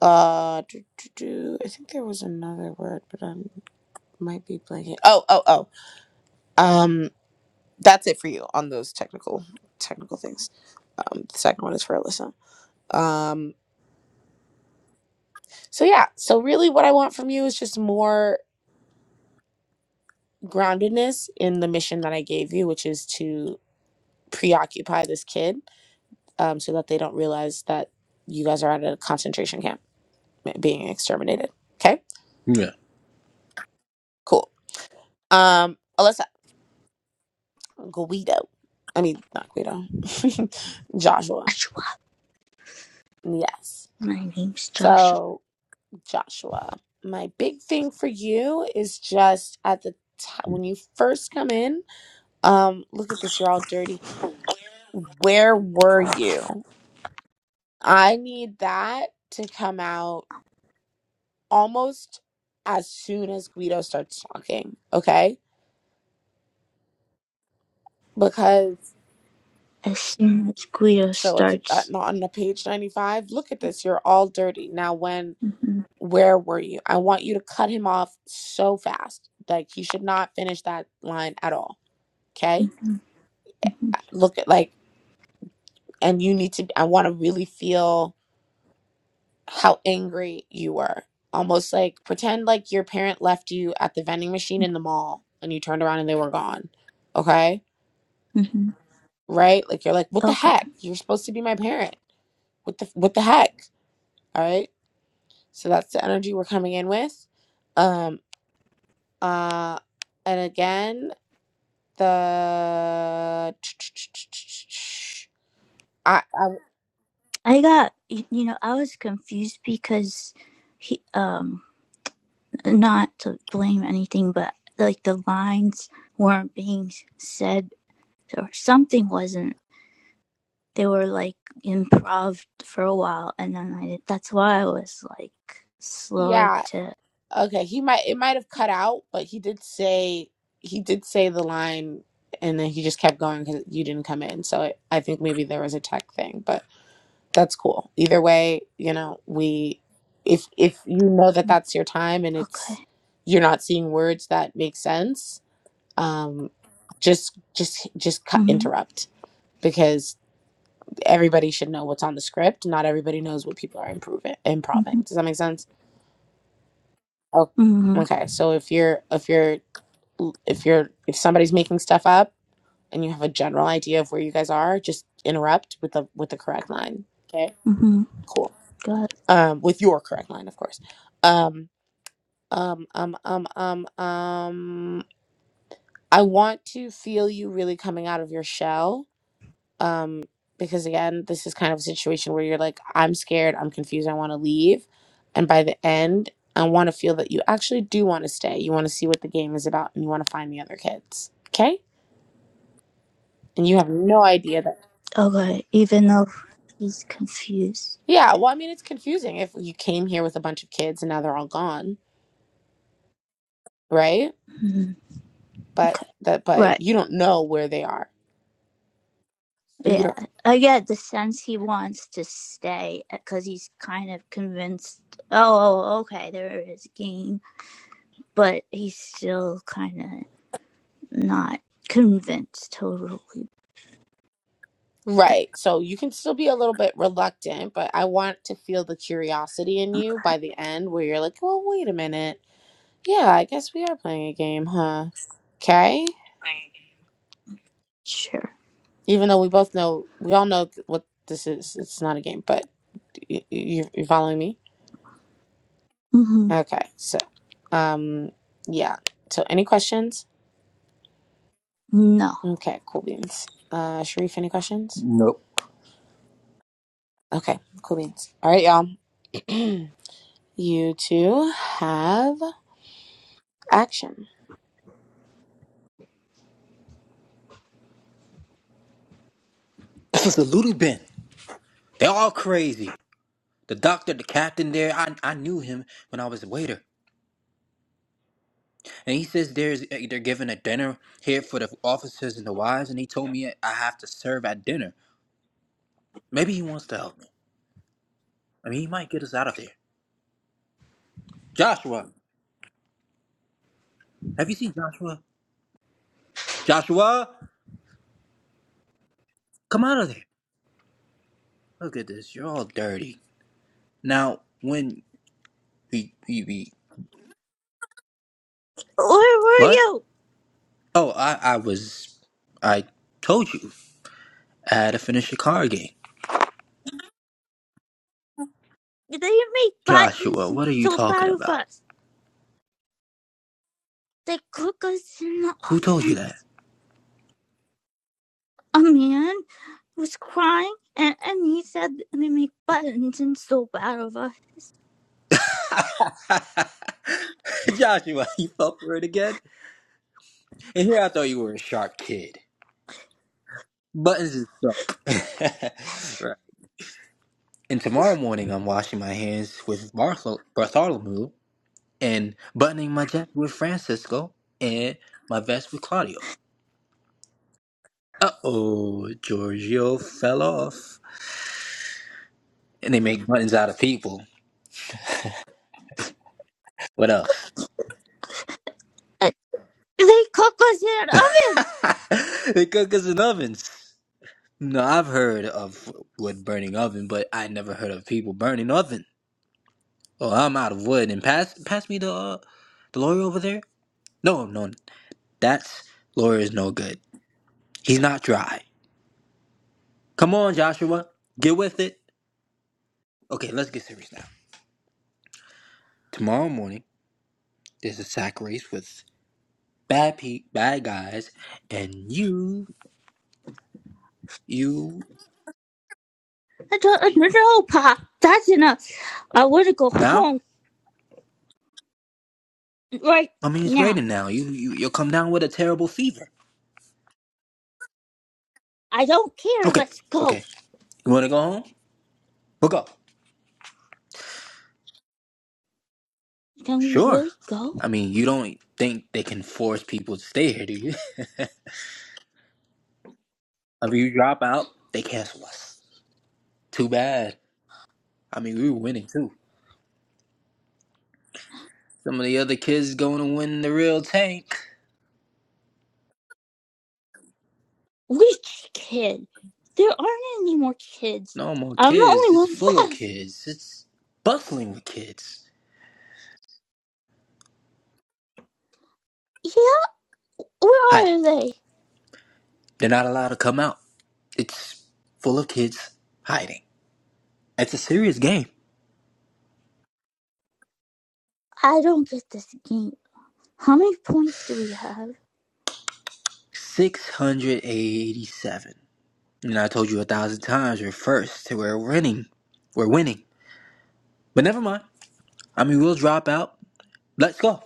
Speaker 4: Uh, do, do, do. I think there was another word, but I might be blanking. Oh, oh, oh. Um, that's it for you on those technical technical things. Um, the second one is for Alyssa. Um, so yeah. So really, what I want from you is just more groundedness in the mission that I gave you, which is to preoccupy this kid, um, so that they don't realize that you guys are at a concentration camp being exterminated. Okay,
Speaker 9: Yeah.
Speaker 4: cool. Um, Alyssa. Guido. I mean, not Guido. Joshua.
Speaker 8: Joshua,
Speaker 4: Yes.
Speaker 8: my name's Joshua.
Speaker 4: So, Joshua, my big thing for you is just at the top when you first come in. Um, look at this, you're all dirty. Where were you? I need that to come out almost as soon as Guido starts talking, okay? Because
Speaker 8: As soon as Guido
Speaker 4: so it's uh,
Speaker 8: starts.
Speaker 4: not on the page 95. Look at this, you're all dirty. Now when
Speaker 8: hmm
Speaker 4: where were you? I want you to cut him off so fast. Like he should not finish that line at all. Okay?
Speaker 8: hmm
Speaker 4: Look at like and you need to I want to really feel how angry you were. Almost like pretend like your parent left you at the vending machine in the mall and you turned around and they were gone. Okay?
Speaker 8: hmm
Speaker 4: Right? Like you're like, "What the
Speaker 8: Okay.
Speaker 4: heck? You're supposed to be my parent. What the what the heck?" All right? So that's the energy we're coming in with. Um uh and again the I, I
Speaker 8: I got, you know, I was confused because he, um, not to blame anything, but like the lines weren't being said or something wasn't. They were like improv for a while, and then I did. That's why I was like slow
Speaker 4: yeah
Speaker 8: to.
Speaker 4: okay he might it might have cut out but he did say he did say the line and then he just kept going because you didn't come in so it, i think maybe there was a tech thing but that's cool either way you know we if if you know that
Speaker 8: mm,
Speaker 4: that's your time and
Speaker 8: Okay.
Speaker 4: it's you're not seeing words that make sense um just just just cut,
Speaker 8: Mhm.
Speaker 4: interrupt because. everybody should know what's on the script. Not everybody knows what people are improving improving.
Speaker 8: Mhm.
Speaker 4: Does that make sense? Oh,
Speaker 8: Mhm.
Speaker 4: okay. So if you're if you're if you're if somebody's making stuff up and you have a general idea of where you guys are, just interrupt with the with the correct line. Okay.
Speaker 8: Mhm.
Speaker 4: Cool.
Speaker 8: Got. it.
Speaker 4: Um, with your correct line, of course. Um, um, um, um, um, um. I want to feel you really coming out of your shell um because again this is kind of a situation where you're like i'm scared i'm confused i want to leave and by the end i want to feel that you actually do want to stay you want to see what the game is about and you want to find the other kids okay and you have no idea that
Speaker 8: Okay. Even though he's confused.
Speaker 4: yeah well i mean it's confusing if you came here with a bunch of kids and now they're all gone right
Speaker 8: Mhm.
Speaker 4: but
Speaker 8: Okay.
Speaker 4: that
Speaker 8: Right.
Speaker 4: but you don't know where they are So you
Speaker 8: Yeah,
Speaker 4: don't
Speaker 8: I get the sense he wants to stay because he's kind of convinced. Oh, okay, there is a game, but he's still kind of not convinced totally. But
Speaker 4: right so you can still be a little bit reluctant but i want to feel the curiosity in you by the end where you're like well wait a minute Yeah, I guess we are playing a game, huh? Okay.
Speaker 8: sure,
Speaker 4: Even though we both know, we all know what this is. It's not a game, but you, you, you following me?
Speaker 8: hmm
Speaker 4: Okay. So, um, yeah. So, any questions?
Speaker 8: no.
Speaker 4: Okay, cool beans. Uh, Sharif, any questions?
Speaker 9: Nope.
Speaker 4: Okay, cool beans. All right, y'all. you two have action.
Speaker 9: This is the Ludo bin. They're all crazy. The doctor, the captain there, I, I knew him when I was a waiter. And he says there's uh, they're giving a dinner here for the officers and the wives, and he told me I have to serve at dinner. Maybe he wants to help me. I mean, he might get us out of there. Joshua, have you seen Joshua? Joshua, come out of there. Look at this. You're all dirty. Now, when we we, we
Speaker 8: Where were
Speaker 9: what?
Speaker 8: you?
Speaker 9: Oh, I I was I told you I had to finish a card game.
Speaker 8: They make buttons
Speaker 9: Joshua,
Speaker 8: and
Speaker 9: what are you
Speaker 8: soap
Speaker 9: talking
Speaker 8: out of
Speaker 9: about?
Speaker 8: us. They cook us in the
Speaker 9: Who told you that?
Speaker 8: ovens. A man was crying, and, and he said they make buttons and soap out of us.
Speaker 9: Joshua, you fell for it again? And here I thought you were a sharp kid. Buttons and soap. right. And tomorrow morning I'm washing my hands with Barthol- Bartholomew and buttoning my jacket with Francisco and my vest with Claudio. Uh oh, Giorgio fell off. And they make buttons out of people. What else?
Speaker 8: Uh, They cook us in ovens.
Speaker 9: they cook us in ovens. No, I've heard of wood burning oven, but I never heard of people burning ovens. Oh, I'm out of wood. And pass pass me the uh, the lawyer over there. No, no, that's lawyer is no good. He's not dry. Come on, Joshua, get with it. Okay, let's get serious now. Tomorrow morning, there's a sack race with bad pe- bad guys, and you, you
Speaker 8: I don't know, Pop. That's enough. I want to go
Speaker 9: now.
Speaker 8: home right
Speaker 9: I mean, it's
Speaker 8: now.
Speaker 9: raining now. You, you you'll come down with a terrible fever.
Speaker 8: I don't care.
Speaker 9: Okay,
Speaker 8: Let's go.
Speaker 9: okay. You want to go home? We'll go.
Speaker 8: Can we
Speaker 9: Sure.
Speaker 8: really
Speaker 9: I
Speaker 8: go?
Speaker 9: mean, you don't think they can force people to stay here, do you? If you drop out, they cancel us. Too bad. I mean, we were winning too. Some of the other kids going to win the real tank.
Speaker 8: Which kid? There aren't any more kids.
Speaker 9: No more
Speaker 8: I'm the
Speaker 9: kids. It's
Speaker 8: only
Speaker 9: full of
Speaker 8: one left.
Speaker 9: kids. It's bustling with kids
Speaker 8: Yeah,
Speaker 9: hiding.
Speaker 8: where are they?
Speaker 9: They're not allowed to come out. It's full of kids hiding. It's a serious game.
Speaker 8: I don't get this game. How many points do we have?
Speaker 9: 687. And I told you a thousand times we're first. We're winning. We're winning. But never mind. I mean, we'll drop out. Let's go.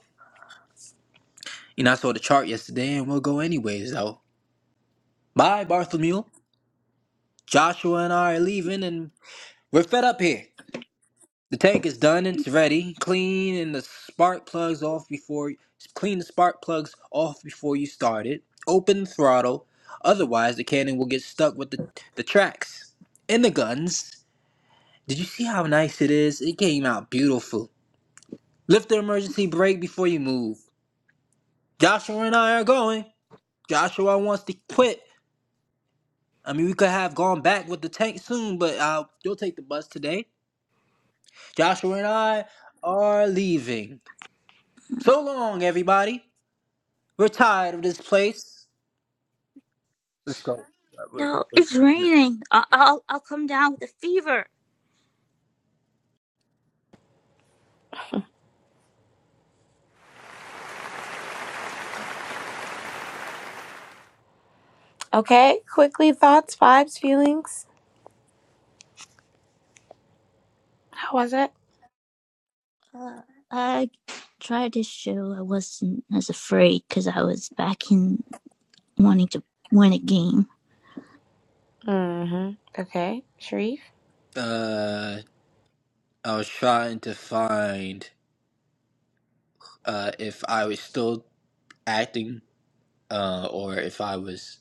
Speaker 9: You know, I saw the chart yesterday and we'll go anyways, though. Bye, Bartholomew. Joshua and I are leaving, and we're fed up here. The tank is done; it's ready, clean, and the spark plugs off before clean the spark plugs off before you start it. Open throttle, otherwise the cannon will get stuck with the the tracks and the guns. Did you see how nice it is? It came out beautiful. Lift the emergency brake before you move. Joshua and I are going. Joshua wants to quit. I mean, we could have gone back with the tank soon, but uh, you'll take the bus today. Joshua and I are leaving. So long, everybody. We're tired of this place. Let's go.
Speaker 8: No, it's raining. I- I'll I'll come down with a fever.
Speaker 4: Okay, quickly thoughts, vibes, feelings. How was it?
Speaker 8: Uh, I tried to show I wasn't as afraid because I was back in. wanting to win a game.
Speaker 4: Mm-hmm. Okay, Sharif.
Speaker 9: Uh, I was trying to find uh, if I was still acting uh, or if I was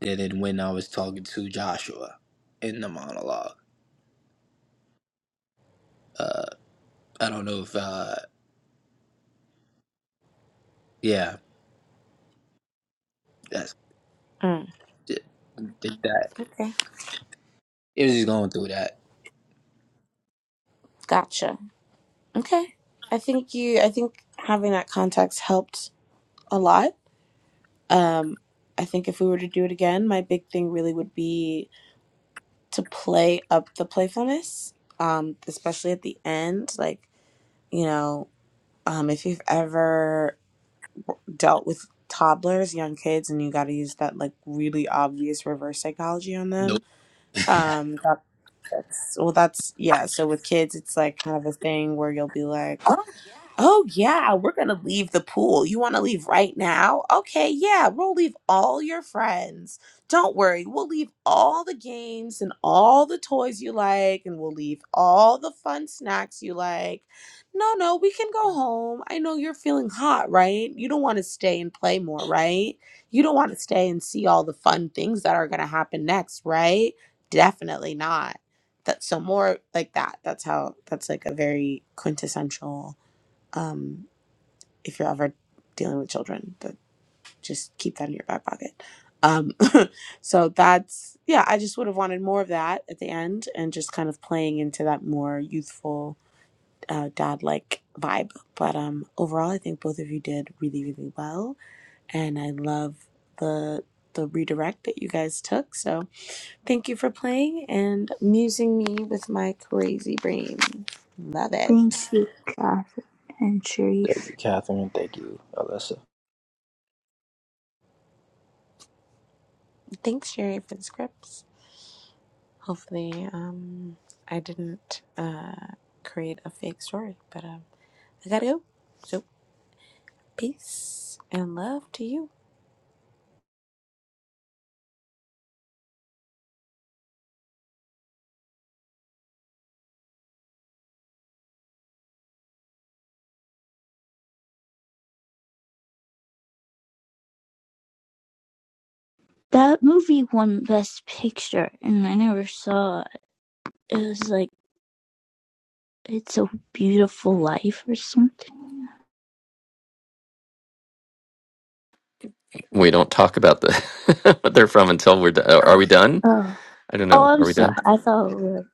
Speaker 9: did it when I was talking to Joshua in the monologue. Uh, I don't know if, uh, yeah, that's
Speaker 4: Mm.
Speaker 9: did, did that.
Speaker 4: Okay.
Speaker 9: It was just going through that.
Speaker 4: Gotcha. Okay. I think you I think having that context helped a lot. Um I think if we were to do it again, my big thing really would be to play up the playfulness, um especially at the end, like, you know, um if you've ever w- dealt with toddlers, young kids and you got to use that like really obvious reverse psychology on
Speaker 9: Nope.
Speaker 4: them, um that that's well that's yeah, so with kids it's like kind of a thing where you'll be like Oh, yeah, we're going to leave the pool. You want to leave right now? Okay, yeah, we'll leave all your friends. Don't worry, we'll leave all the games and all the toys you like, and we'll leave all the fun snacks you like. No, no, we can go home. I know you're feeling hot, right? You don't want to stay and play more, right? You don't want to stay and see all the fun things that are going to happen next, right? Definitely not. That's so more like that. That's how, that's like a very quintessential um, if you're ever dealing with children, but just keep that in your back pocket. Um, so that's yeah, I just would have wanted more of that at the end and just kind of playing into that more youthful uh, dad like vibe. But um, overall, I think both of you did really really well, and I love the the redirect that you guys took. So thank you for playing and amusing me with my crazy brain. Love it.
Speaker 8: Thank you, Kath and
Speaker 9: Thank
Speaker 8: Sharif.
Speaker 9: you, Catherine. Thank you, Alyssa.
Speaker 4: Thanks, Sherry, for the scripts. Hopefully, um, I didn't uh, create a fake story, but um, I gotta go. So, peace and love to you.
Speaker 8: That movie won Best Picture, and I never saw it. It was like It's a Beautiful Life or something.
Speaker 1: We don't talk about the what they're from until we're done. Are we done?
Speaker 8: Oh,
Speaker 1: I don't
Speaker 8: Oh,
Speaker 1: know.
Speaker 8: I'm
Speaker 1: Are we
Speaker 8: sorry.
Speaker 1: done?
Speaker 8: I thought it was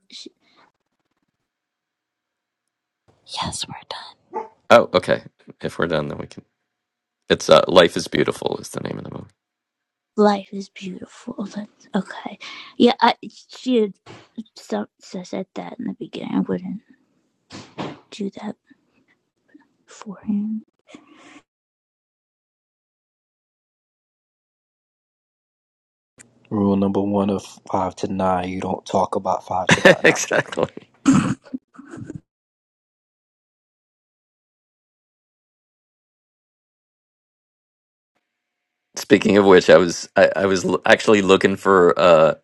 Speaker 4: Yes, we're done.
Speaker 1: Oh, okay. If we're done, then we can. It's uh, "Life Is Beautiful" is the name of the
Speaker 8: Life is Beautiful. That's okay. Yeah, I, she had some, said that in the beginning. I wouldn't do that for him.
Speaker 9: Rule number one of five to nine, you don't talk about five to nine.
Speaker 1: movie.
Speaker 9: No, I'm joking.
Speaker 1: exactly. Speaking of which, I was I, I was l- actually looking for uh,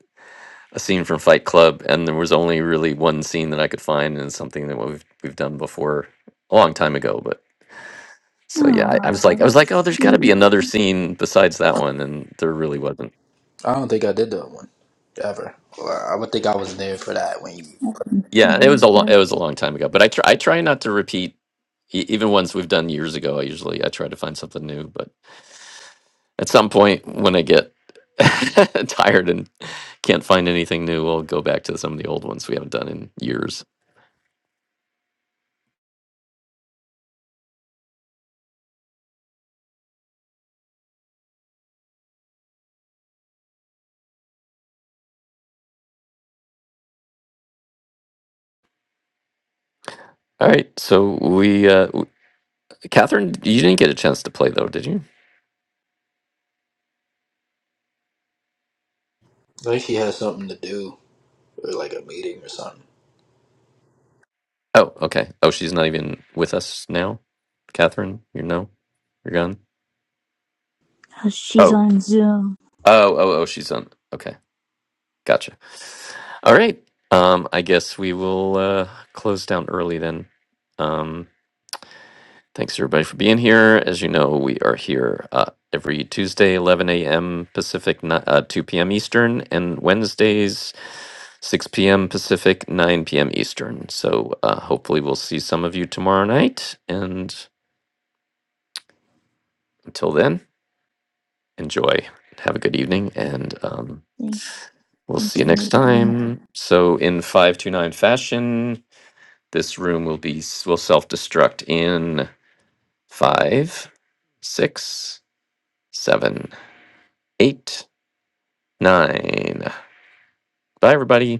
Speaker 1: a scene from Fight Club, and there was only really one scene that I could find, and it's something that we've we've done before a long time ago. But so yeah, I, I was
Speaker 8: oh,
Speaker 1: like I was like,
Speaker 8: that's
Speaker 1: oh, there's got to be
Speaker 8: sweet.
Speaker 1: another scene besides that one, and there really wasn't.
Speaker 9: I don't think I did that one ever. Or I would think I was there for that when you.
Speaker 1: Yeah, it was a long it was a long time ago, but I try I try not to repeat e- even ones we've done years ago. I usually I try to find something new, but at some point when I get tired and can't find anything new, we'll go back to some of the old ones we haven't done in years. All right, so we, uh, w- Catherine, you didn't get a chance to play though, did you?
Speaker 9: I think she had something to do or like a meeting or something.
Speaker 1: Oh, okay. Oh, she's not even with us now. Catherine, you know, you're gone.
Speaker 8: She's
Speaker 1: Oh,
Speaker 8: on Zoom.
Speaker 1: oh, oh, oh, she's on. Okay, gotcha. All right. Um, I guess we will uh, close down early then. Um, Thanks everybody for being here. As you know, we are here uh, every Tuesday, 11 a.m. Pacific, ni- uh, 2 p.m. Eastern, and Wednesdays, 6 p.m. Pacific, 9 p.m. Eastern. So uh, hopefully we'll see some of you tomorrow night. And until then, enjoy. Have a good evening, and um,
Speaker 8: Thanks.
Speaker 1: we'll see
Speaker 8: Thanks,
Speaker 1: you next
Speaker 8: everyone.
Speaker 1: time. So in 529 fashion, this room will be will self-destruct in five, six, seven, eight nine. Bye, everybody.